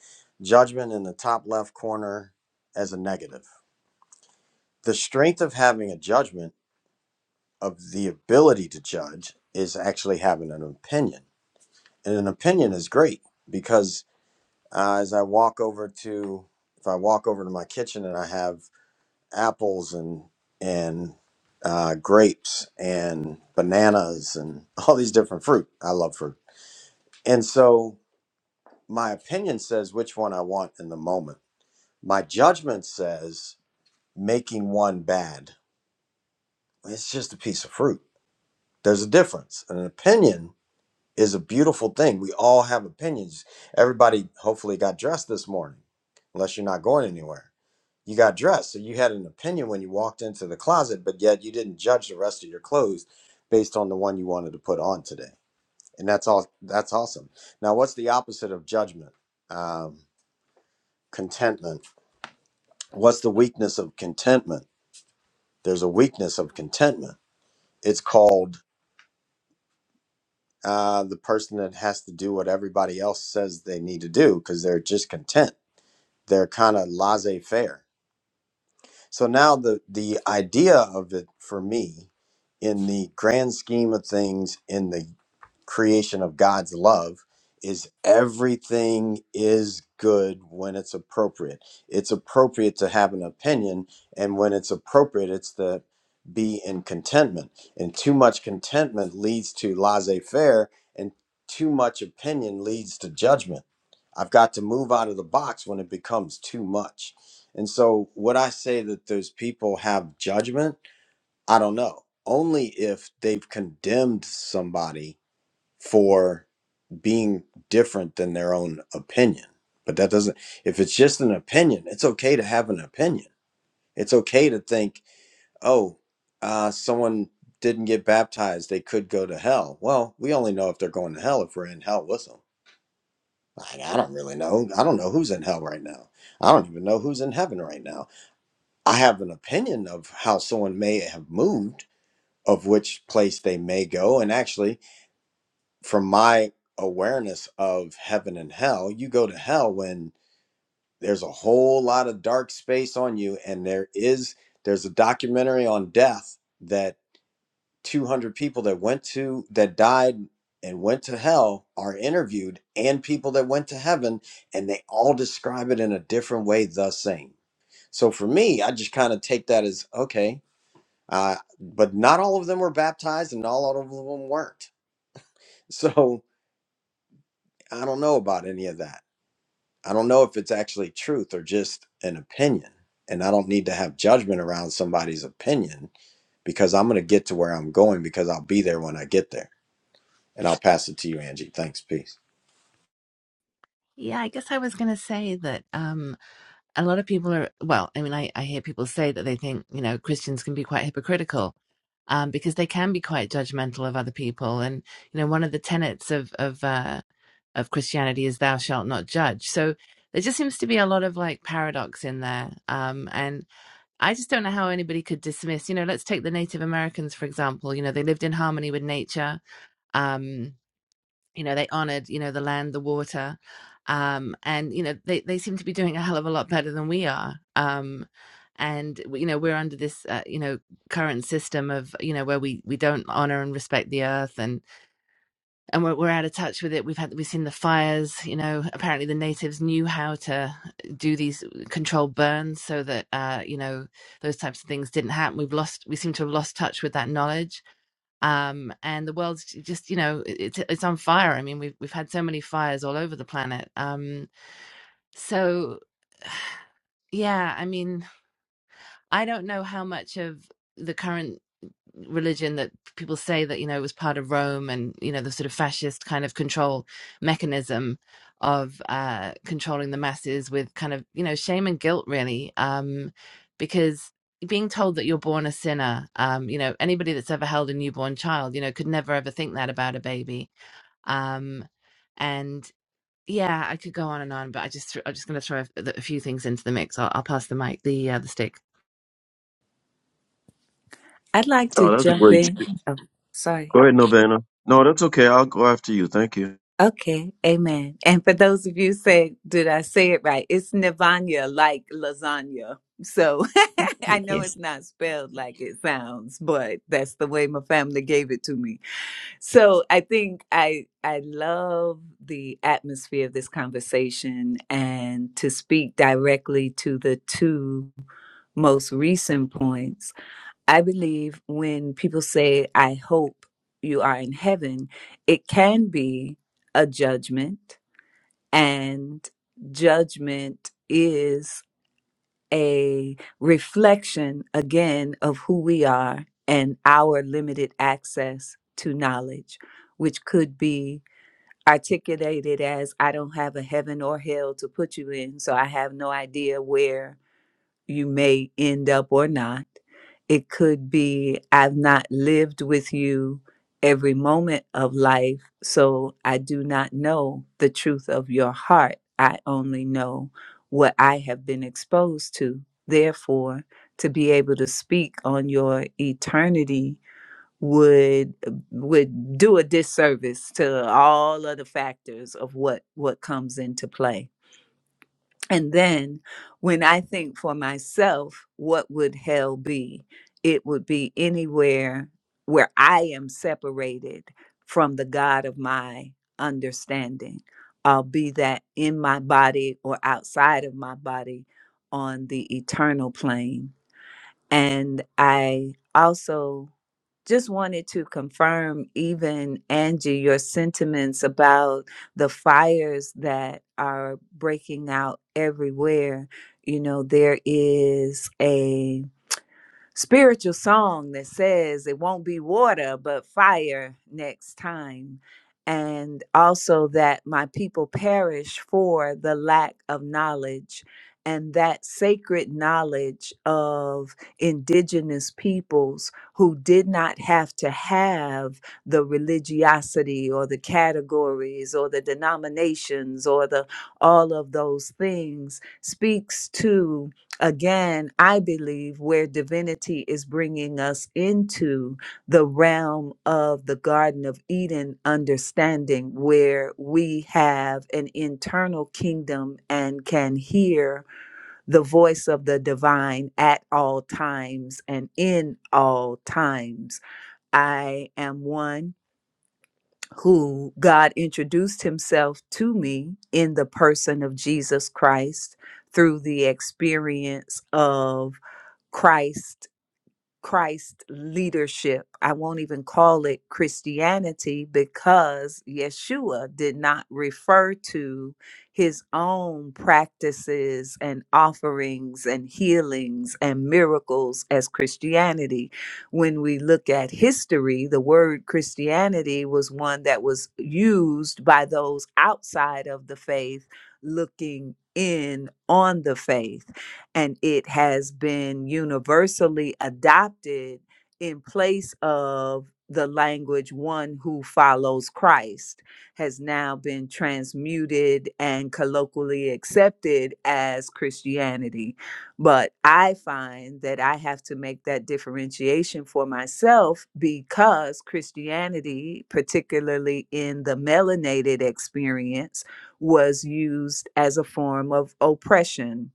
Speaker 1: Judgment in the top left corner as a negative. The strength of having a judgment of the ability to judge is actually having an opinion. And an opinion is great because uh, as I walk over to, if I walk over to my kitchen and I have apples and, and uh, grapes and bananas and all these different fruit, I love fruit. And so my opinion says which one I want in the moment. My judgment says making one bad. It's just a piece of fruit. There's a difference. An opinion is a beautiful thing. We all have opinions. Everybody hopefully got dressed this morning, unless you're not going anywhere. You got dressed, so you had an opinion when you walked into the closet, but yet you didn't judge the rest of your clothes based on the one you wanted to put on today. And that's all. That's awesome. Now, what's the opposite of judgment? Um, contentment. What's the weakness of contentment? There's a weakness of contentment. It's called uh, the person that has to do what everybody else says they need to do because they're just content they're kind of laissez-faire. So now the the idea of it for me in the grand scheme of things in the creation of God's love is everything is good when it's appropriate. It's appropriate to have an opinion, and when it's appropriate, it's to be in contentment. And too much contentment leads to laissez faire, and too much opinion leads to judgment. I've got to move out of the box when it becomes too much. And so, would I say that those people have judgment? I don't know. Only if they've condemned somebody for being different than their own opinion. But that doesn't, if it's just an opinion, it's okay to have an opinion. It's okay to think, oh, uh, someone didn't get baptized, they could go to hell. Well, we only know if they're going to hell if we're in hell with them. Like, I don't really know. I don't know who's in hell right now. I don't even know who's in heaven right now. I have an opinion of how someone may have moved, of which place they may go. And actually, from my awareness of heaven and hell, you go to hell when there's a whole lot of dark space on you. And there is, there's a documentary on death that 200 people that went to, that died and went to hell are interviewed and people that went to heaven and they all describe it in a different way the same. So for me, I just kind of take that as okay. Uh, but not all of them were baptized and not all of them weren't. So I don't know about any of that I don't know if it's actually truth or just an opinion. And I don't need to have judgment around somebody's opinion because I'm going to get to where I'm going because I'll be there when I get there. And I'll pass it to you, Angie. Thanks. Peace.
Speaker 7: yeah I guess I was going to say that um a lot of people are well i mean I, I hear people say that they think you know christians can be quite hypocritical um, because they can be quite judgmental of other people and you know one of the tenets of of uh, of christianity is thou shalt not judge so there just seems to be a lot of like paradox in there um, and i just don't know how anybody could dismiss you know let's take the native americans for example you know they lived in harmony with nature um, you know they honored you know the land the water um and you know they they seem to be doing a hell of a lot better than we are um and you know we're under this uh, you know current system of you know where we we don't honor and respect the earth and and we're, we're out of touch with it we've had we've seen the fires you know apparently the natives knew how to do these controlled burns so that uh you know those types of things didn't happen we've lost we seem to have lost touch with that knowledge um and the world's just you know it's it's on fire i mean we've we've had so many fires all over the planet um so yeah i mean i don't know how much of the current religion that people say that you know was part of Rome and you know the sort of fascist kind of control mechanism of uh, controlling the masses with kind of you know shame and guilt really um, because being told that you're born a sinner um, you know anybody that's ever held a newborn child you know could never ever think that about a baby um, and yeah I could go on and on but I just threw I'm just going to throw a, a few things into the mix I'll, I'll pass the mic the uh, the stick.
Speaker 5: I'd like to
Speaker 6: Oh, that's a
Speaker 5: jump
Speaker 6: great.
Speaker 5: in. Oh, sorry.
Speaker 6: Go ahead, Novana. No, that's okay. I'll go after you. Thank you.
Speaker 5: Okay, amen. And for those of you say, did I say it right? It's Nivanya like lasagna. So I
Speaker 7: Thank
Speaker 5: know
Speaker 7: you.
Speaker 5: it's not spelled like it sounds, but that's the way my family gave it to me. So I think I I love the atmosphere of this conversation and to speak directly to the two most recent points I believe when people say, I hope you are in heaven, it can be a judgment, and judgment is a reflection again of who we are and our limited access to knowledge, which could be articulated as I don't have a heaven or hell to put you in, so I have no idea where you may end up or not. It could be, I've not lived with you every moment of life, so I do not know the truth of your heart. I only know what I have been exposed to. Therefore, to be able to speak on your eternity would uh, would do a disservice to all of the factors of what what comes into play and then when I think for myself, what would hell be? It would be anywhere where I am separated from the God of my understanding. I'll be that in my body or outside of my body on the eternal plane. And I also just wanted to confirm, even Angie, your sentiments about the fires that are breaking out everywhere. You know, there is spiritual song that says it won't be water but fire next time and also that my people perish for the lack of knowledge and that sacred knowledge of indigenous peoples who did not have to have the religiosity or the categories or the denominations or the all of those things speaks to again, I believe where divinity is bringing us into the realm of the Garden of Eden understanding, where we have an internal kingdom and can hear the voice of the divine at all times and in all times. I am one who God introduced himself to me in the person of Jesus Christ through the experience of Christ Christ leadership. I won't even call it Christianity because Yeshua did not refer to his own practices and offerings and healings and miracles as Christianity. When we look at history, the word Christianity was one that was used by those outside of the faith looking in on the faith and it has been universally adopted in place of the language one who follows Christ has now been transmuted and colloquially accepted as Christianity. But I find that I have to make that differentiation for myself because Christianity, particularly in the melanated experience, was used as a form of oppression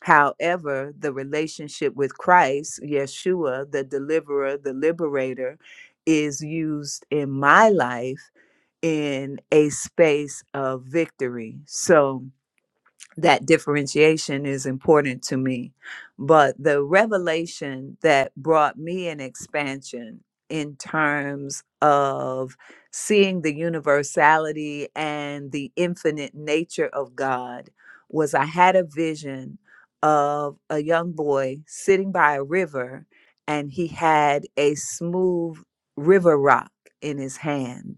Speaker 5: However, the relationship with Christ, Yeshua, the deliverer, the liberator, is used in my life in a space of victory. So, that differentiation is important to me. But the revelation that brought me an expansion in terms of seeing the universality and the infinite nature of God was I had a vision of a young boy sitting by a river and he had a smooth river rock in his hand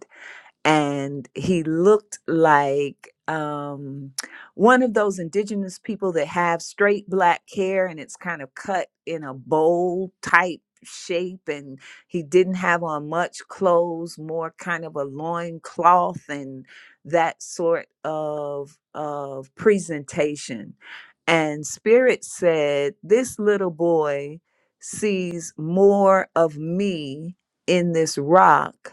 Speaker 5: and he looked like um one of those indigenous people that have straight black hair and it's kind of cut in a bowl type shape and he didn't have on much clothes more kind of a loin cloth and that sort of of presentation and spirit said this little boy sees more of me in this rock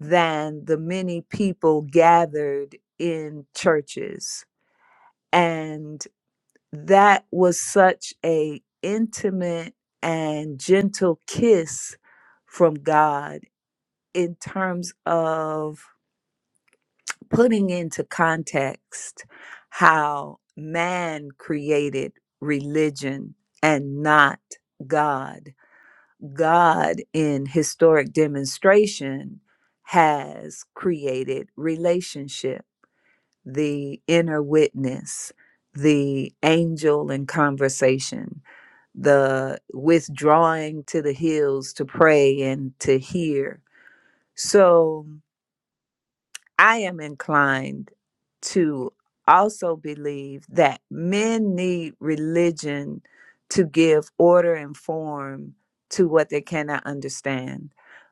Speaker 5: than the many people gathered in churches and that was such a intimate and gentle kiss from god in terms of putting into context how man created religion and not god god in historic demonstration has created relationship the inner witness, the angel in conversation, the withdrawing to the hills to pray and to hear. So I am inclined to also believe that men need religion to give order and form to what they cannot understand.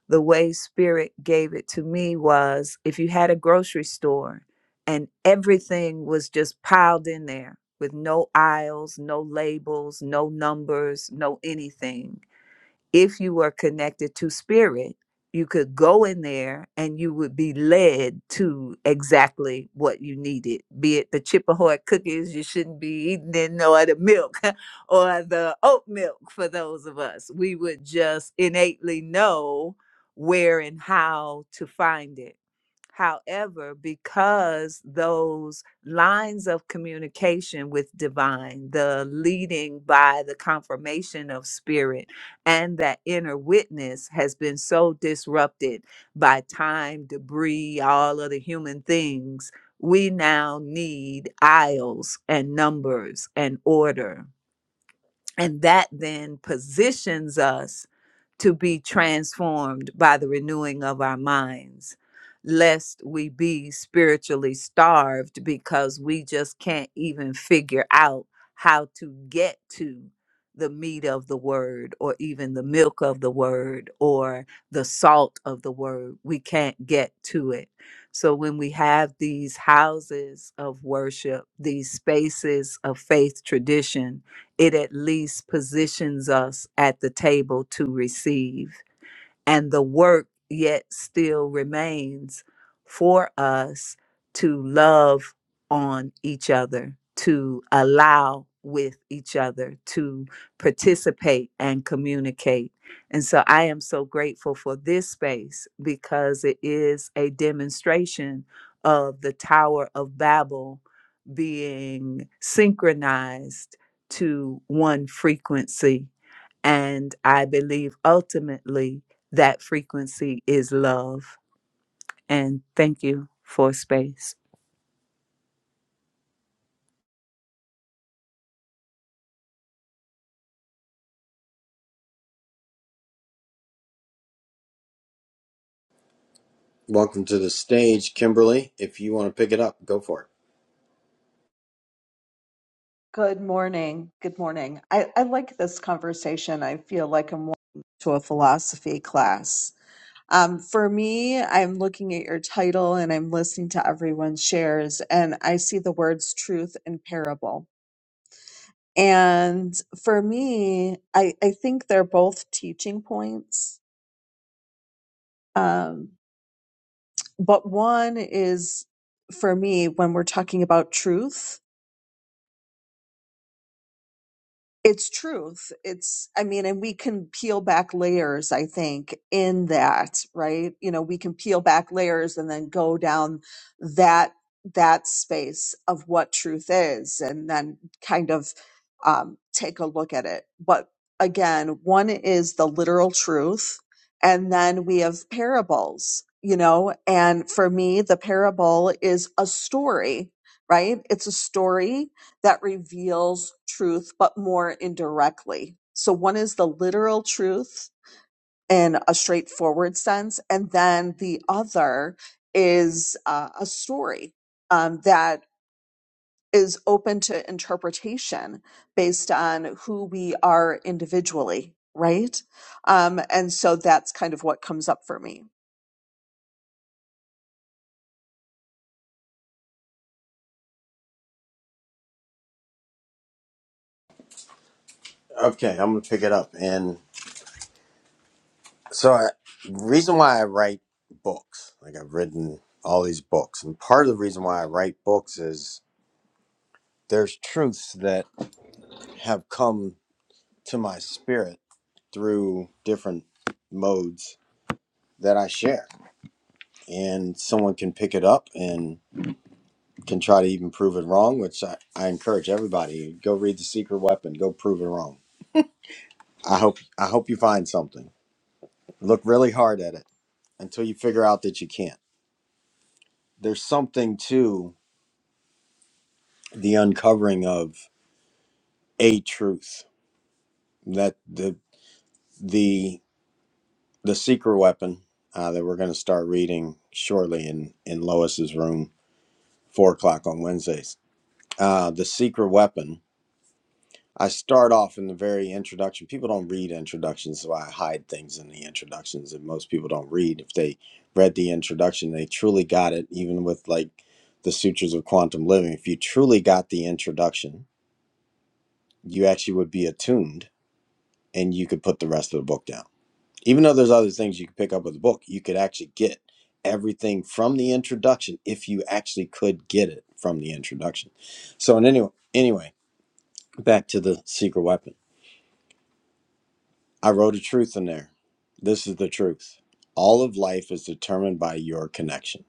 Speaker 5: The way Spirit gave it to me was if you had a grocery store and everything was just piled in there with no aisles, no labels, no numbers, no anything if you were connected to spirit, you could go in there and you would be led to exactly what you needed, be it the Chippehoy cookies you shouldn't be eating in, or the milk, or the oat milk for those of us. We would just innately know where and how to find it. However, because those lines of communication with divine, the leading by the confirmation of spirit, and that inner witness has been so disrupted by time, debris, all of the human things, we now need aisles and numbers and order. And that then positions us to be transformed by the renewing of our minds, lest we be spiritually starved because we just can't even figure out how to get to the meat of the word or even the milk of the word or the salt of the word. We can't get to it. So when we have these houses of worship, these spaces of faith tradition, it at least positions us at the table to receive and the work yet still remains for us to love on each other, to allow with each other, to participate and communicate. And so I am so grateful for this space because it is a demonstration of the Tower of Babel being synchronized to one frequency and I believe ultimately that frequency is love. And thank you for space.
Speaker 1: Welcome to the stage, Kimberly. If you want to pick it up, go for it.
Speaker 8: Good morning. Good morning. I, I like this conversation. I feel like I'm walking to a philosophy class. Um, for me, I'm looking at your title and I'm listening to everyone's shares, and I see the words truth and parable. And for me, I, I think they're both teaching points. Um, but one is for me when we're talking about truth. it's truth it's i mean and we can peel back layers i think in that right you know we can peel back layers and then go down that that space of what truth is and then kind of um, take a look at it but again one is the literal truth and then we have parables you know and for me the parable is a story right it's a story that reveals truth, but more indirectly. So one is the literal truth in a straightforward sense, and then the other is uh, a story um, that is open to interpretation based on who we are individually, right? Um, and so that's kind of what comes up for me.
Speaker 1: Okay, I'm going to pick it up. And so, I, the reason why I write books, like I've written all these books, and part of the reason why I write books is there's truths that have come to my spirit through different modes that I share. And someone can pick it up and can try to even prove it wrong, which I, I encourage everybody. Go read The Secret Weapon, go prove it wrong. I hope I hope you find something. Look really hard at it until you figure out that you can't. There's something to the uncovering of a truth that the the the secret weapon uh, that we're going to start reading shortly in in Lois's room, four o'clock on Wednesdays uh, The Secret Weapon. I start off in the very introduction. People don't read introductions, so I hide things in the introductions that most people don't read. If they read the introduction, they truly got it, even with like the Sutures of Quantum Living. If you truly got the introduction, you actually would be attuned and you could put the rest of the book down. Even though there's other things you could pick up with the book, you could actually get everything from the introduction if you actually could get it from the introduction. So, in any, anyway, back to the secret weapon I wrote a truth in there. This is the truth. All of life is determined by your connection.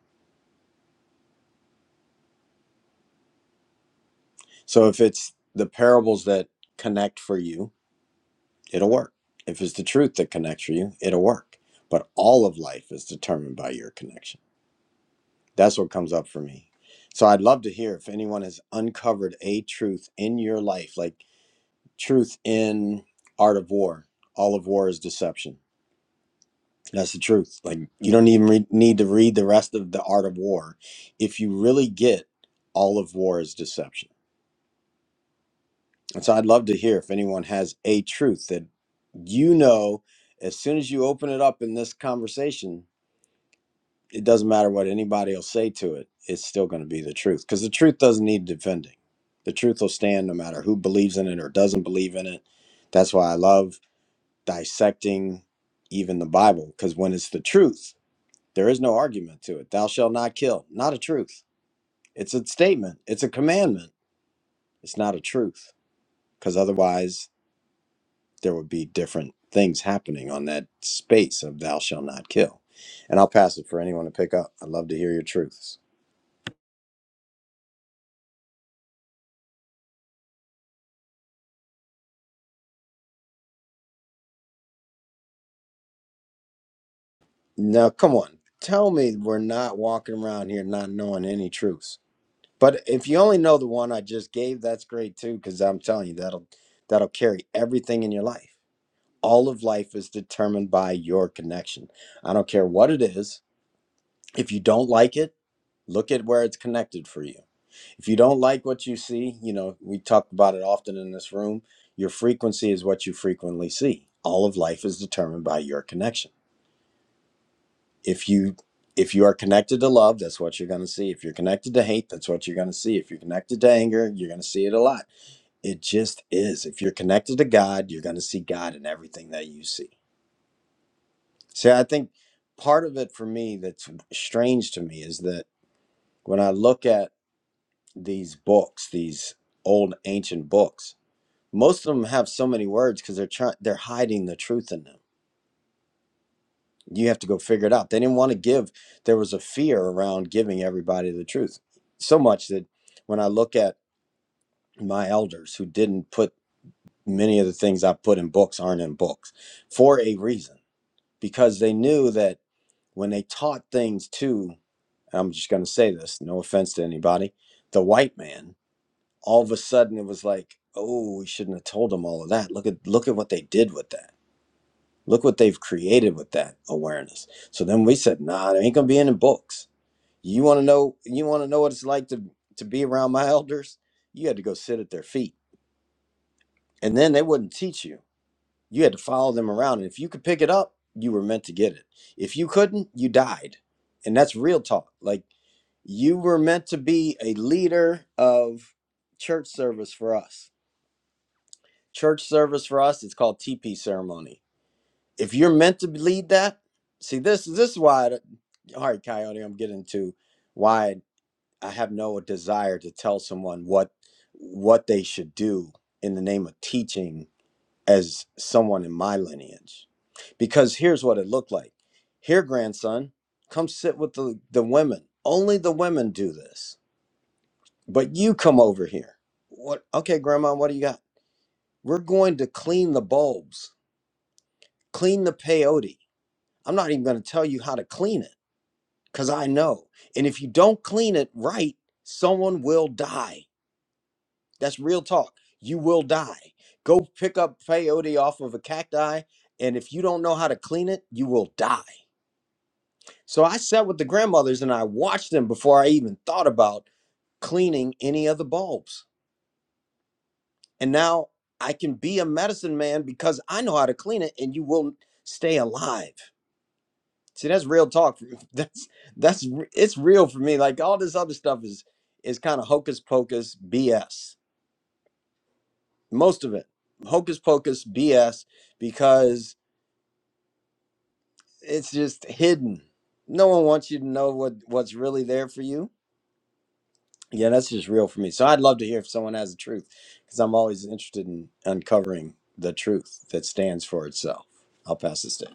Speaker 1: So if it's the parables that connect for you, it'll work. If it's the truth that connects for you, it'll work. But all of life is determined by your connection. That's what comes up for me. So I'd love to hear if anyone has uncovered a truth in your life, like truth in Art of War. All of War is Deception That's the truth. Like you don't even re- need to read the rest of the Art of War if you really get all of war is deception. And so I'd love to hear if anyone has a truth that you know as soon as you open it up in this conversation, it doesn't matter what anybody will say to it, it's still going to be the truth because the truth doesn't need defending. The truth will stand no matter who believes in it or doesn't believe in it. That's why I love dissecting even the Bible because when it's the truth, There is no argument to it. Thou shalt not kill. Not a truth. It's a statement. It's a commandment. It's not a truth. Because otherwise, there would be different things happening on that space of thou shalt not kill. And I'll pass it for anyone to pick up. I'd love to hear your truths. Now, come on. Tell me we're not walking around here not knowing any truths. But if you only know the one I just gave, that's great too, because I'm telling you that'll that'll carry everything in your life. all of life is determined by your connection. I don't care what it is. If you don't like it, look at where it's connected for you. If you don't like what you see, you know, we talk about it often in this room, your frequency is what you frequently see. All of life is determined by your connection. If you if you are connected to love, that's what you're going to see. If you're connected to hate, that's what you're going to see. If you're connected to anger, you're going to see it a lot. It just is. If you're connected to God, you're going to see God in everything that you see See, I think part of it for me that's strange to me is that when I look at these books, these old ancient books, most of them have so many words because they're trying they're hiding the truth in them. You have to go figure it out. They didn't want to give. There was a fear around giving everybody the truth so much that when I look at my elders who didn't put many of the things I put in books aren't in books for a reason because they knew that when they taught things to and I'm just going to say this, no offense to anybody, the white man, all of a sudden it was like, oh, we shouldn't have told them all of that. Look at look at what they did with that. Look what they've created with that awareness. So then we said, nah, there ain't gonna be any books. You want to know? You want to know what it's like to to be around my elders? You had to go sit at their feet, and then they wouldn't teach you. You had to follow them around, and if you could pick it up, you were meant to get it. If you couldn't, you died, and that's real talk. Like You were meant to be a leader of church service for us. Church service for us, it's called TP ceremony. If you're meant to lead that, see this this is why I- all right, Coyote, I'm getting to why I have no desire to tell someone what what they should do in the name of teaching as someone in my lineage. Because here's what it looked like. Here, grandson, come sit with the, the women. Only the women do this But you come over here. What? Okay, Grandma, what do you got? We're going to clean the bulbs, clean the peyote. I'm not even going to tell you how to clean it because I know. And if you don't clean it right, someone will die. That's real talk. You will die. Go pick up peyote off of a cacti, and if you don't know how to clean it, you will die. So I sat with the grandmothers and I watched them before I even thought about cleaning any of the bulbs and now I can be a medicine man because I know how to clean it, and you will stay alive. See, that's real talk. That's that's it's real for me. Like all this other stuff is is kind of hocus pocus BS. Most of it hocus pocus BS because it's just hidden. No one wants you to know what what's really there for you. Yeah, that's just real for me. So I'd love to hear if someone has the truth because I'm always interested in uncovering the truth that stands for itself. I'll pass this down.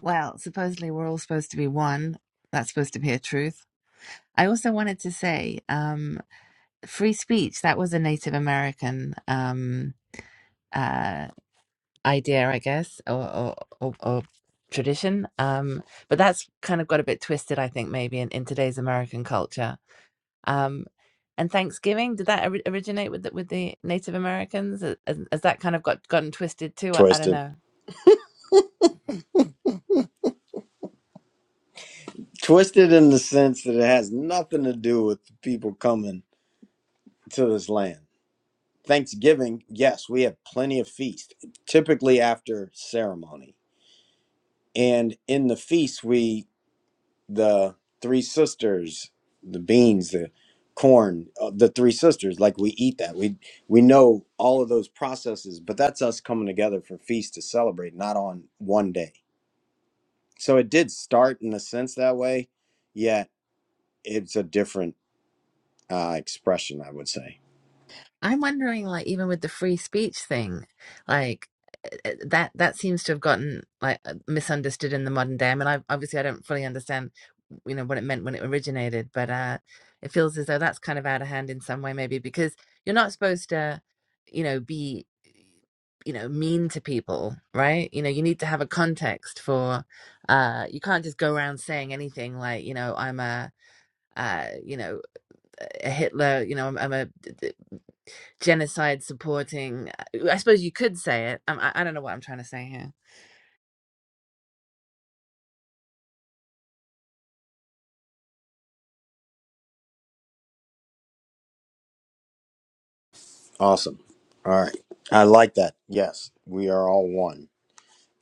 Speaker 7: Well, supposedly we're all supposed to be one. That's supposed to be a truth. I also wanted to say, um, free speech, that was a Native American um, uh, idea, I guess, or, or, or, or tradition. Um, but that's kind of got a bit twisted, I think, maybe in, in today's American culture. Um, and Thanksgiving, did that ori- originate with the, with the Native Americans? Has, has that kind of got gotten twisted too? I, I don't
Speaker 1: Twisted.
Speaker 7: know.
Speaker 1: Twisted in the sense that it has nothing to do with the people coming to this land. Thanksgiving, yes, we have plenty of feast, typically after ceremony. And in the feast, we, the three sisters, the beans, the corn, uh, the three sisters, like we eat that. We we know all of those processes, but that's us coming together for feast to celebrate, not on one day. So it did start in a sense that way, yet it's a different uh, expression, I would say.
Speaker 7: I'm wondering, like, even with the free speech thing, like uh, that that seems to have gotten like uh, misunderstood in the modern day. I mean, I obviously I don't fully understand, you know, what it meant when it originated, but uh, it feels as though that's kind of out of hand in some way, maybe because you're not supposed to, you know, be, you know, mean to people, right? You know, you need to have a context for, uh, you can't just go around saying anything like, you know, I'm a, uh, you know, a Hitler, you know, I'm, I'm a genocide supporting uh, i suppose you could say it um, I, I don't know what i'm trying to say here
Speaker 1: Awesome. All right. I like that. Yes, we are all one.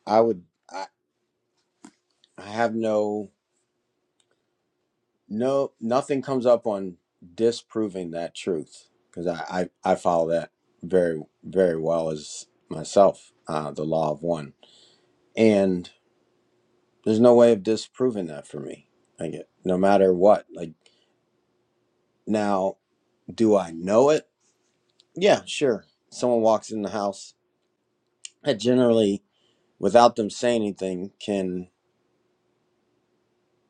Speaker 1: I would, I, I have no, no, nothing comes up on disproving that truth because I, I, I follow that very, very well as myself, uh, the law of one. And there's no way of disproving that for me. I get, no matter what. Like, now, do I know it? Yeah, sure. Someone walks in the house. I generally without them saying anything can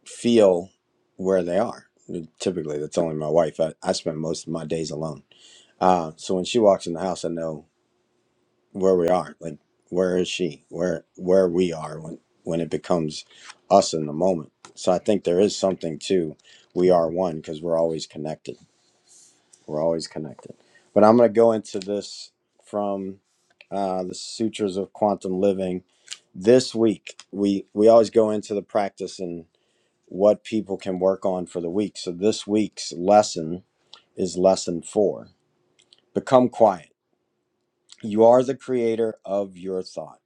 Speaker 1: feel where they are typically that's only my wife i, I spend most of my days alone uh, so when she walks in the house i know where we are like where is she where where we are when when it becomes us in the moment so i think there is something to we are one because we're always connected we're always connected but i'm going to go into this from uh, the sutras of quantum living this week we we always go into the practice and. what people can work on for the week. So this week's lesson is lesson four Become quiet. You are the creator of your thought.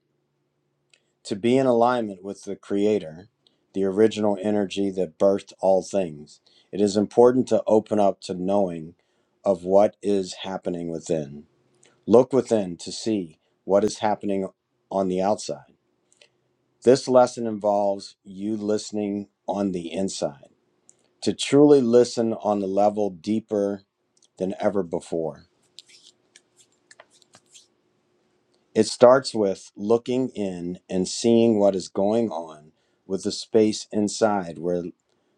Speaker 1: To be in alignment with the creator, the original energy that birthed all things, it is important to open up to knowing of what is happening within. Look within to see what is happening on the outside. This lesson involves you listening on the inside. To truly listen on the level deeper than ever before. It starts with looking in and seeing what is going on with the space inside where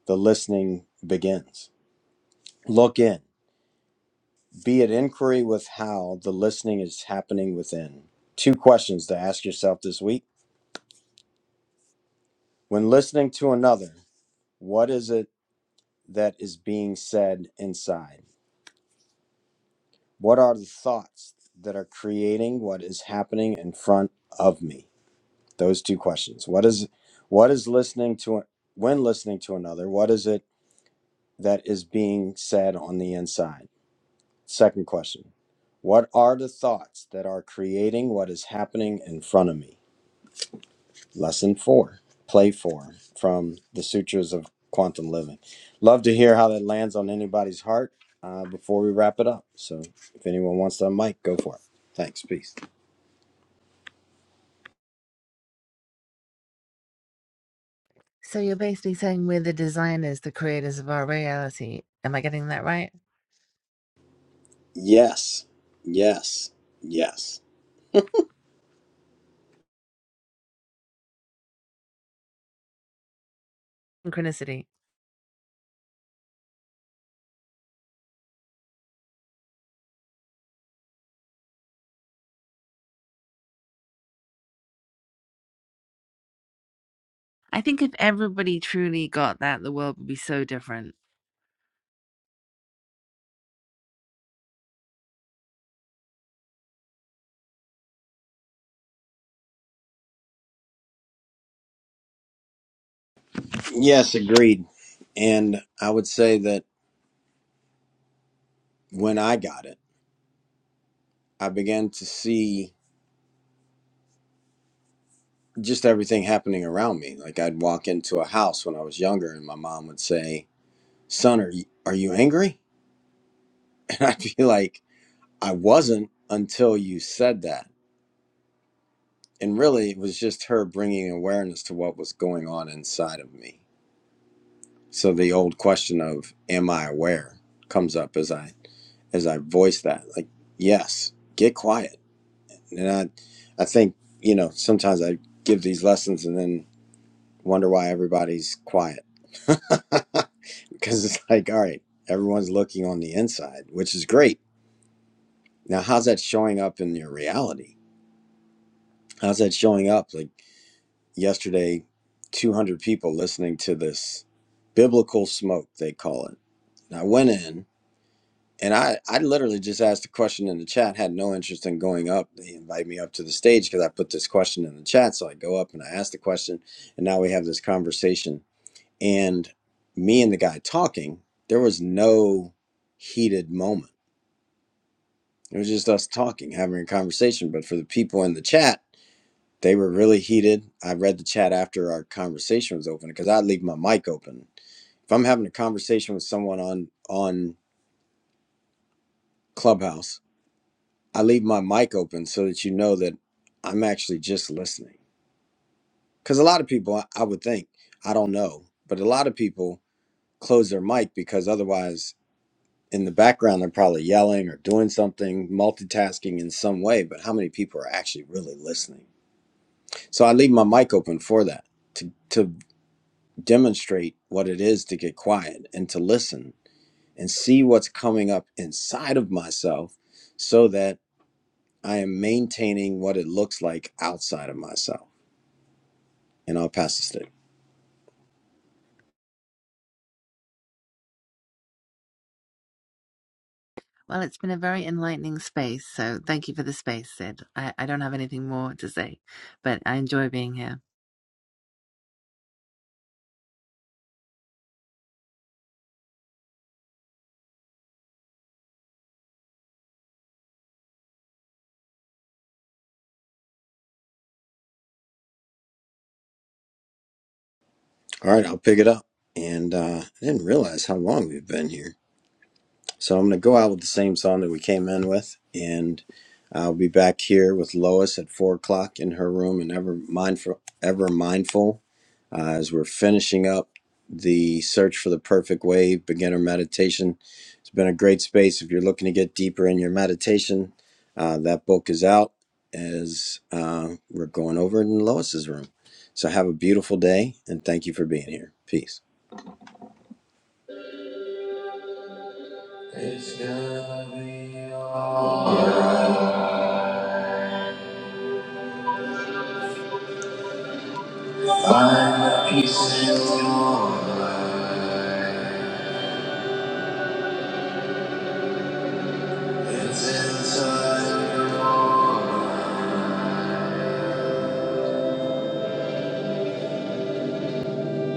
Speaker 1: the listening begins. Look in, be it inquiry with how the listening is happening within. Two questions to ask yourself this week. When listening to another, what is it that is being said inside? What are the thoughts that are creating what is happening in front of me? those two questions what is what is listening to when listening to another what is it that is being said on the inside second question what are the thoughts that are creating what is happening in front of me lesson 4 play 4 from the sutras of quantum living love to hear how that lands on anybody's heart uh, before we wrap it up so if anyone wants to mic go for it thanks peace
Speaker 7: so you're basically saying we're the designers the creators of our reality am i getting that right
Speaker 1: yes yes yes
Speaker 7: synchronicity i think if everybody truly got that the world would be so different
Speaker 1: Yes, agreed. And I would say that when I got it, I began to see just everything happening around me. Like I'd walk into a house when I was younger, and my mom would say, "Son, are you, are you angry?" And I'd be like, "I wasn't until you said that." And really, it was just her bringing awareness to what was going on inside of me. So the old question of "Am I aware?" comes up as I as I voice that, like, "Yes, get quiet." And I, I think, you know, sometimes I give these lessons and then wonder why everybody's quiet. Because it's like, all right, everyone's looking on the inside, which is great. Now, how's that showing up in your reality? How's that showing up? Like yesterday, 200 people listening to this biblical smoke, they call it. And I went in And I, I literally just asked a question in the chat, had no interest in going up. They invite me up to the stage because I put this question in the chat. So I go up and I ask the question. And now we have this conversation. And me and the guy talking, there was no heated moment. It was just us talking, having a conversation. But for the people in the chat, they were really heated. I read the chat after our conversation was open because I leave my mic open. If I'm having a conversation with someone on on Clubhouse I leave my mic open so that you know that I'm actually just listening. Because a lot of people, I I would think, I don't know, but a lot of people close their mic because otherwise, in the background, they're probably yelling or doing something, multitasking in some way. But how many people are actually really listening? So I leave my mic open for that to, to demonstrate what it is to get quiet and to listen and see what's coming up inside of myself so that I am maintaining what it looks like outside of myself. And I'll pass the stick.
Speaker 7: well it's been a very enlightening space so thank you for the space sid i, I don't have anything more to say but i enjoy being here
Speaker 1: All right, I'll pick it up. And uh, I didn't realize how long we've been here. So I'm going to go out with the same song that we came in with, and I'll be back here with Lois at four o'clock in her room, and ever mindful, ever mindful, uh, as we're finishing up the search for the perfect wave beginner meditation. It's been a great space if you're looking to get deeper in your meditation. Uh, that book is out as uh, we're going over it in Lois's room. So have a beautiful day, and thank you for being here. Peace. It's gonna be alright. The peace in your mind. It's inside your mind.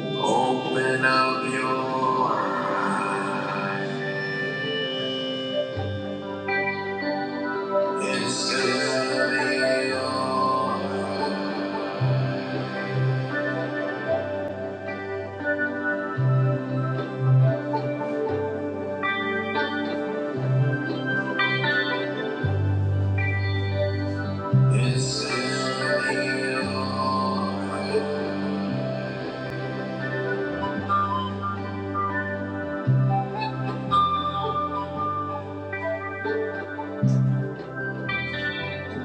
Speaker 1: Open up your mind. It's gonna be alright. It's gonna be alright.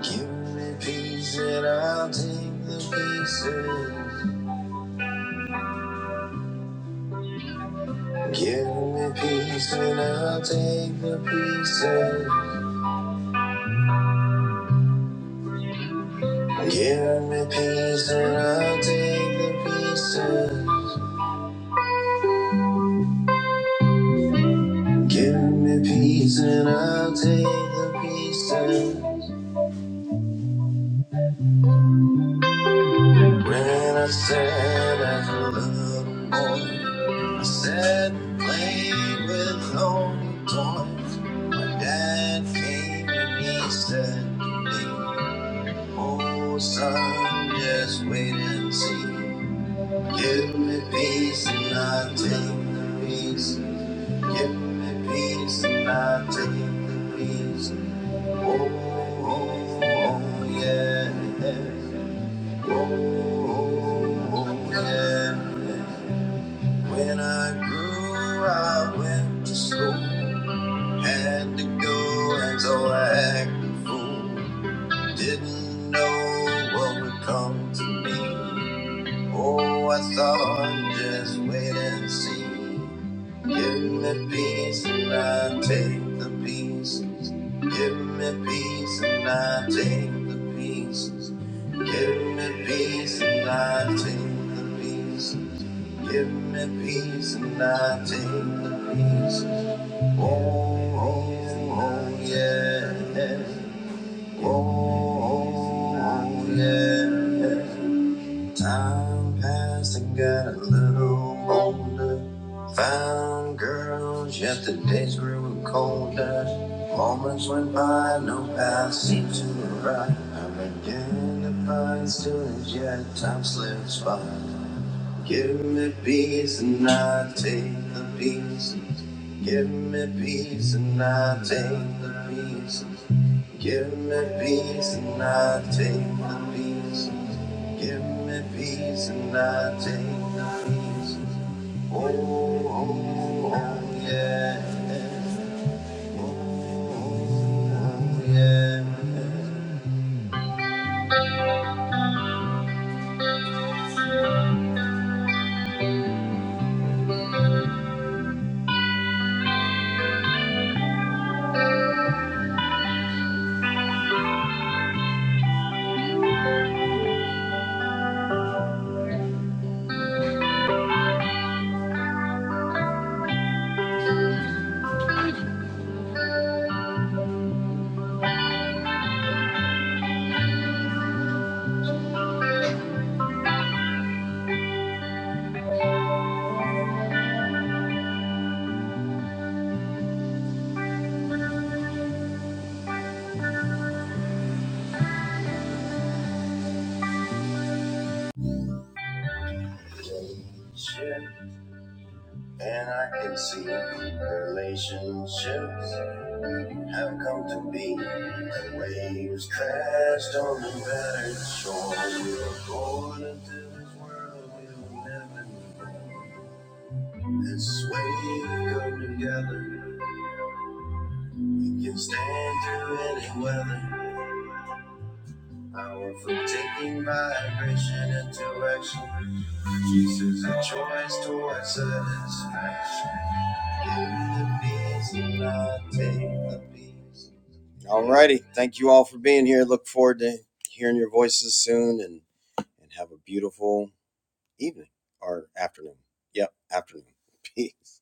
Speaker 1: Give me peace and I'll take the pieces. Give me peace and I'll take the pieces. Give me peace and I'll take the pieces. Give me peace and I'll take the pieces. When I said as a little boy, I said and played with only toys. My dad came and he said to me, Oh son, just wait and see. Give me peace and I'll take the pieces. Give me peace and I take the peace. Oh, oh, oh yeah. yeah. Oh, oh, oh yeah. yeah. When I grew, I went to school. Had to go, and so I acted a fool. Didn't know what would come to me. Oh, I thought just wait and see. Give me peace and I take the pieces. Give me peace and I take the pieces. Give me peace and I take the pieces. Give me peace and I take the pieces. Oh, oh, oh, yeah. Oh, oh, oh, yeah. Time passed and got a little older. Found girls, yet the days grew colder. Moments went by, no path seemed to arrive. I am beginning to find still as yet time slips by. Give me peace and I take the pieces. Give me peace and I take the pieces. Give me peace and I take the pieces. Give me peace and I take the peace. Oh, oh, oh, yeah. Oh, oh, yeah. Relationship. And I can see relationships have come to be. The waves crashed on the battered shore. We were born into this world we were never born. This way we come together. We can stand through any weather. Power from taking vibration into action. Jesus, a choice towards satisfaction. Give the peace and I take the peace. Alrighty. Thank you all for being here. Look forward to hearing your voices soon and, and have a beautiful evening or afternoon. Yep, afternoon. Peace.